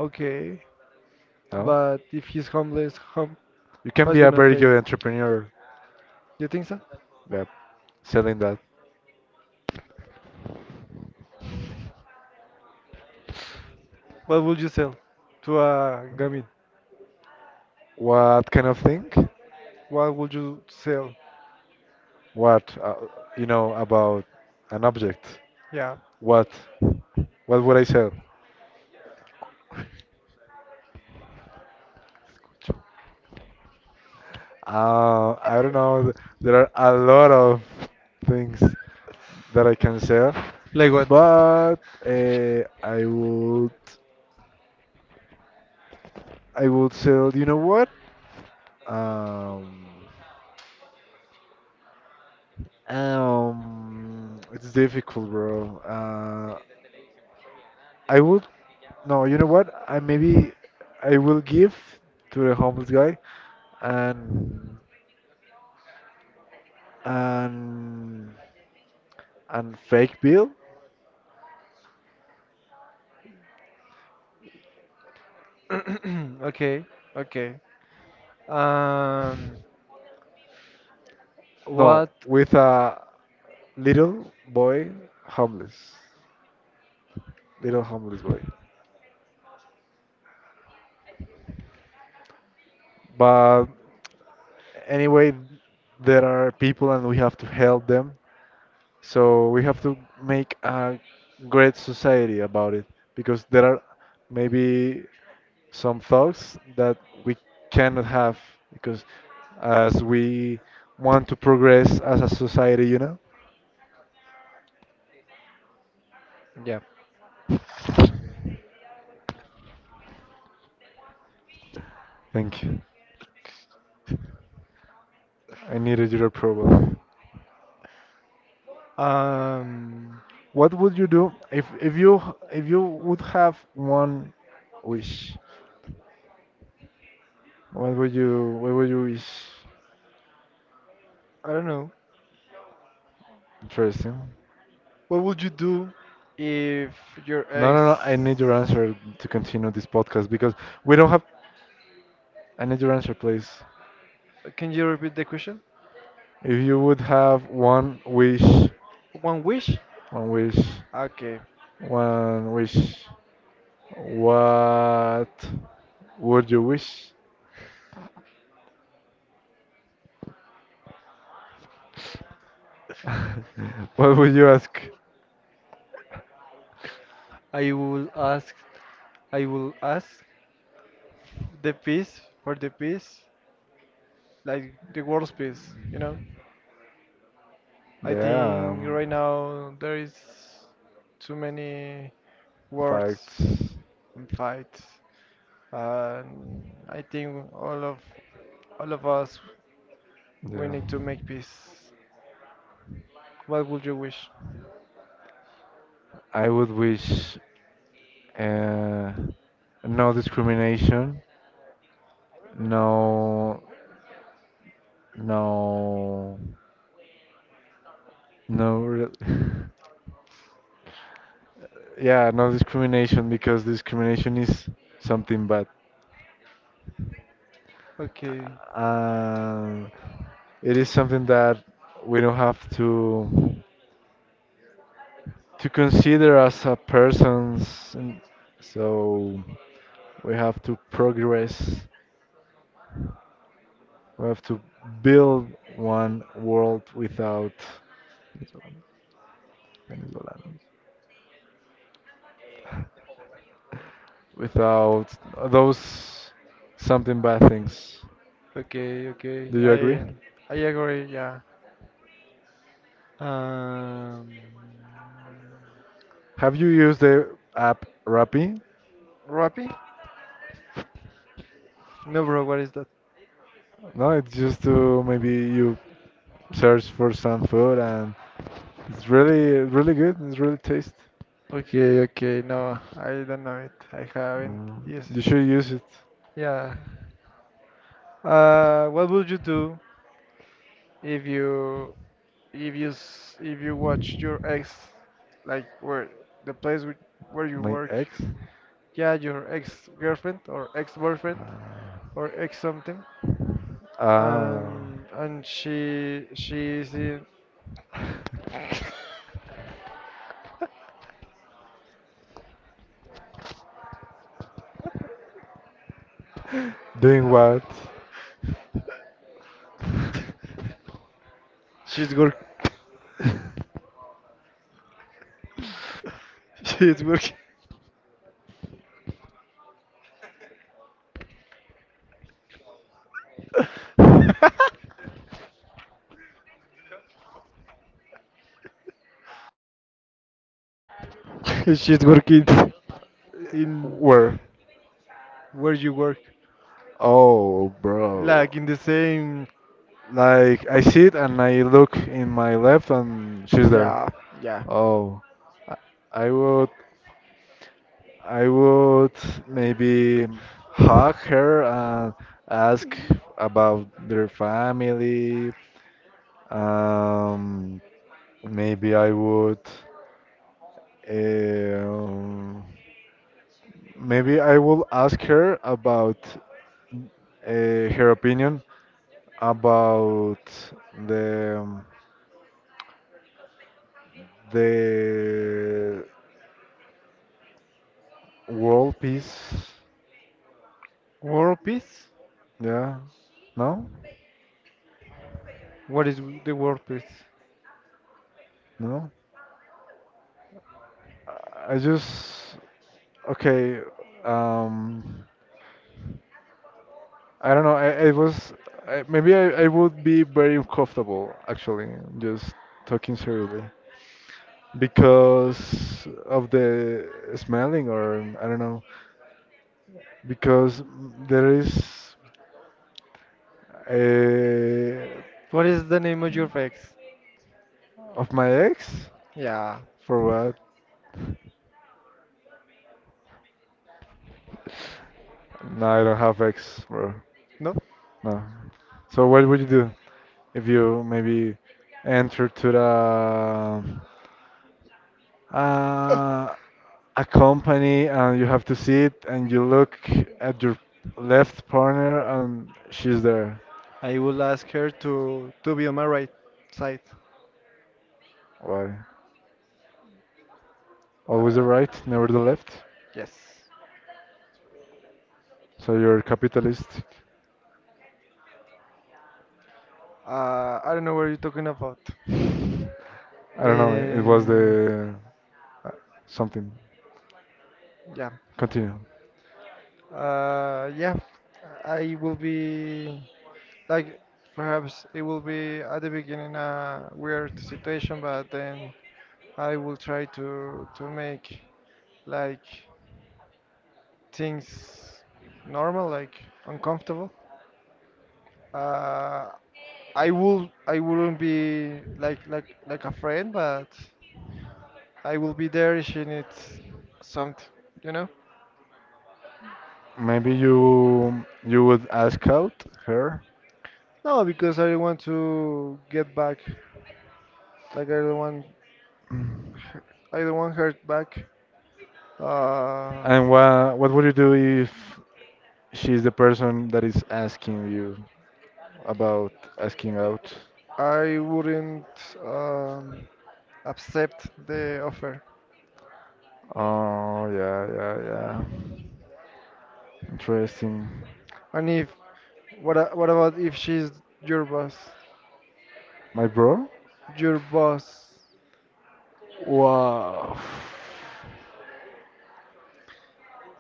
A: Okay,
B: No,
A: but if he's homeless,
B: you can
A: Who's
B: be a
A: gonna
B: very
A: pay?
B: good entrepreneur.
A: You think so?
B: Yep, selling that.
A: What would you sell to a gamine?
B: What kind of thing?
A: What would you sell?
B: What you know about an object?
A: Yeah.
B: What? What would I sell? I don't know. There are a lot of things that I can sell,
A: Like what?
B: but uh, I would I would sell. You know what? Um, it's difficult, bro. I would No. You know what? I will give to the homeless guy and and fake bill.
A: Okay. Okay. Um.
B: No,
A: What?
B: with a little boy homeless, little homeless boy. But anyway, there are people, and we have to help them. So we have to make a great society about it, because there are maybe some thoughts that we cannot have, because as we want to progress as a society, you know?
A: Yeah.
B: Thank you. I needed your approval.
A: Um.
B: What would you do if you would have one wish? What would you wish?
A: I don't know.
B: Interesting.
A: What would you do if your
B: No, no, no.
A: ex?
B: I need your answer to continue this podcast because we don't have. I need your answer, please.
A: Can you repeat the question?
B: If you would have one wish,
A: One wish?
B: one wish,
A: Okay.
B: one wish, what would you wish? What would you ask?
A: I will ask. I will ask the peace for the peace, like the world's peace. You know. I
B: Yeah,
A: think right now there is too many
B: facts.
A: wars and fights, and I think all of us we
B: Yeah.
A: need to make peace. What would you wish?
B: I would wish uh, no discrimination, no No, no, re- yeah, no discrimination because discrimination is something bad.
A: Okay,
B: Uh, it is something that we don't have to consider as a person's, and so we have to progress. We have to build one world without venezolanos, without those something bad things.
A: okay, okay.
B: Do you
A: I
B: agree?
A: I agree. Yeah. Um,
B: Have you used the app Rappi?
A: Rappi? No, bro. What is that?
B: No, it's just to maybe you search for some food, and it's really really good. It's really taste.
A: Okay, okay. No, I don't know it. I haven't
B: Mm,
A: used
B: you should use it.
A: it. Yeah. What would you do if you if you watch your ex, like where the place where you
B: My
A: work,
B: ex?
A: yeah, your ex girlfriend or ex boyfriend
B: Uh,
A: or ex something,
B: ah,
A: and
B: doing what?
A: she's work she's working she's
B: Uh,
A: working in
B: Where?
A: where you work,
B: Oh, bro.
A: like in the same,
B: Like I sit and I look in my left and she's there.
A: yeah, yeah,
B: Oh, I I would, I would maybe hug her and ask about their family. Um, Maybe I would, um, maybe I will ask her about her opinion about the the world peace.
A: world peace,
B: Yeah. No?
A: what is the world peace,
B: No? I just okay. Um, I don't know. I was I, maybe I would be very uncomfortable actually, just talking seriously because of the smelling or I don't know, because there is a
A: what is the name of your ex,
B: of my ex
A: yeah.
B: for what? No, I don't have ex, bro.
A: No,
B: No. So what would you do if you maybe enter to the uh, a company and you have to see it, and you look at your left partner and she's there.
A: I will ask her to be on my right side.
B: Why? Always the
A: Uh,
B: right, never the left.
A: yes.
B: So you're capitalistic.
A: I don't know what you're talking about.
B: I don't know, it was
A: Uh,
B: the uh, something.
A: yeah.
B: Continue.
A: Yeah. I will be like perhaps it will be at the beginning a weird situation, but then I will try to make like things normal, like uncomfortable. Uh, I wouldn't be like a friend, but I will be there if she needs something, you know?
B: Maybe you would ask out her.
A: No, because I don't want to get back. Like I don't want I don't want her back. Uh,
B: And what would you do if she's the person that is asking you about asking out?
A: I wouldn't um, accept the offer.
B: Oh yeah, yeah, yeah. Interesting.
A: And if what a- what about if she's your boss?
B: My bro?
A: Your boss,
B: Wow.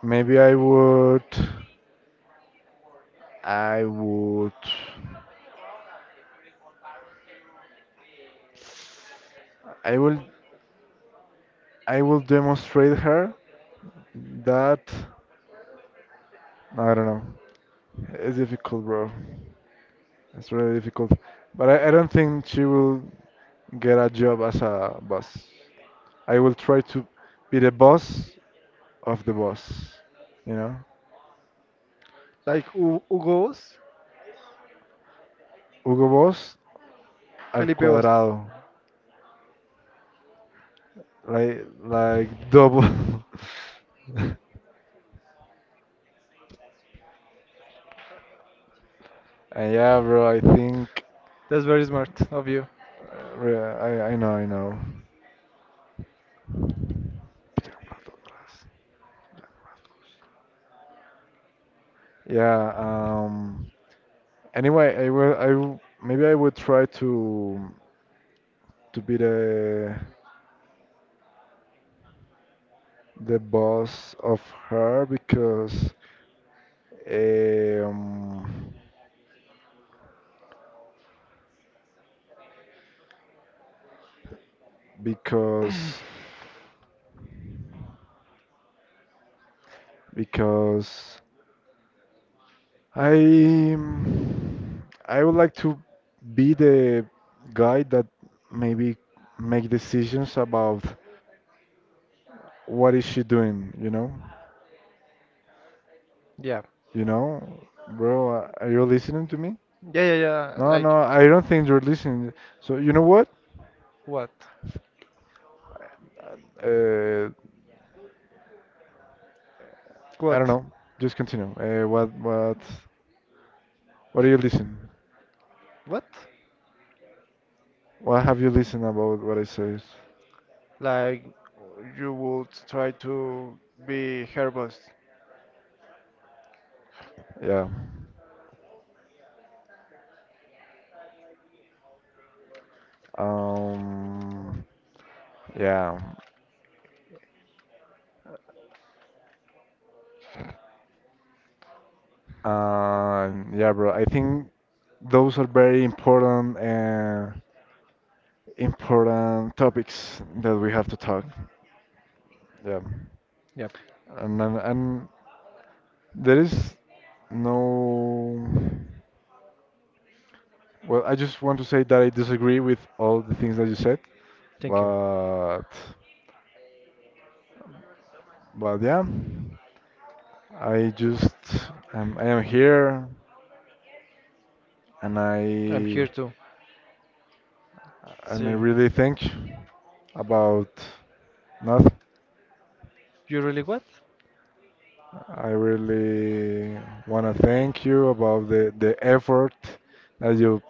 B: Maybe I would. I would. I will. I will demonstrate her that. I don't know. It's difficult, bro. It's really difficult. But I don't think she will get a job as a boss. I will try to be the boss of the boss. You know?
A: like Hugo's,
B: Hugo Boss al
A: Felipe Boss.
B: cuadrado. Like double. And yeah, bro, I think
A: That's very smart of you.
B: I know, I know. Yeah, anyway, I will I w- maybe I would try to be the boss of her because um, because because I I would like to be the guy that maybe make decisions about what is she doing, you know?
A: Yeah.
B: You know, bro, are you listening to me?
A: Yeah, yeah, yeah.
B: No,
A: Like,
B: no, I don't think you're listening. So you know what?
A: what?
B: Uh, I don't
A: What?
B: know. Just continue. What do you listen?
A: What?
B: What have you listened about what I said?
A: Like, you would try to be her boss.
B: Yeah. Um. Yeah. Yeah, bro. I think those are very important important topics that we have to talk. Yeah.
A: Yep.
B: And there is no. Well, I just want to say that I disagree with all the things that you said,
A: Thank you.
B: but yeah, I just I am here, and
A: I'm here
B: I
A: to
B: and I
A: see.
B: really think about nothing.
A: You really what?
B: I really want to thank you about the effort that you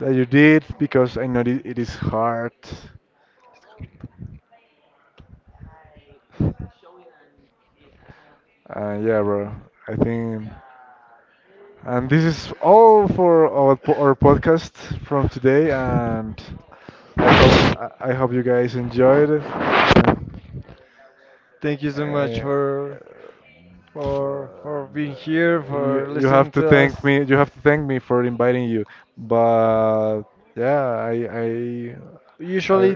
B: that you did because I know it is hard. Yeah, bro. I think. And this is all for our podcast from today. And I hope you guys enjoyed it. And,
A: Thank you so much
B: uh,
A: for for for being here,
B: you
A: for
B: you have
A: listening
B: to
A: to
B: thank
A: us.
B: me. You have to thank me for inviting you. But yeah, I I,
A: Usually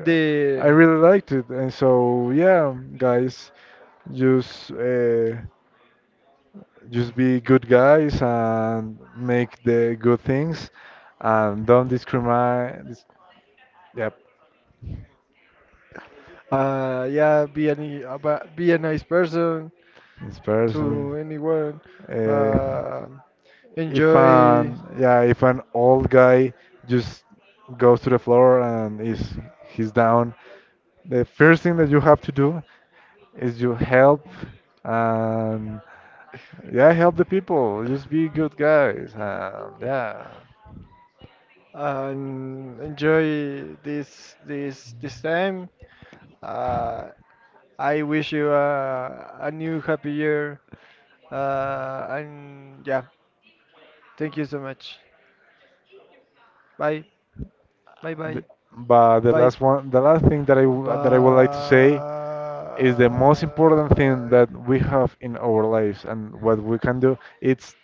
B: I
A: the
B: really liked it. And so yeah, guys, just. Uh, just be good guys and make the good things and don't discriminate. This, yep,
A: yeah, be any about be a nice person
B: this person.
A: to anyone.
B: Uh,
A: Uh, Enjoy
B: if an old guy just goes to the floor and is he's down, the first thing that you have to do is you help, and yeah, help the people. Just be good guys. And yeah.
A: and enjoy this time. Uh, I wish you a new happy year. And yeah, thank you so much. Bye. Bye
B: Th-
A: bye.
B: But the
A: Bye.
B: last one, the last thing that
A: Bye.
B: I would like to say is the most important thing that we have in our lives and what we can do. It's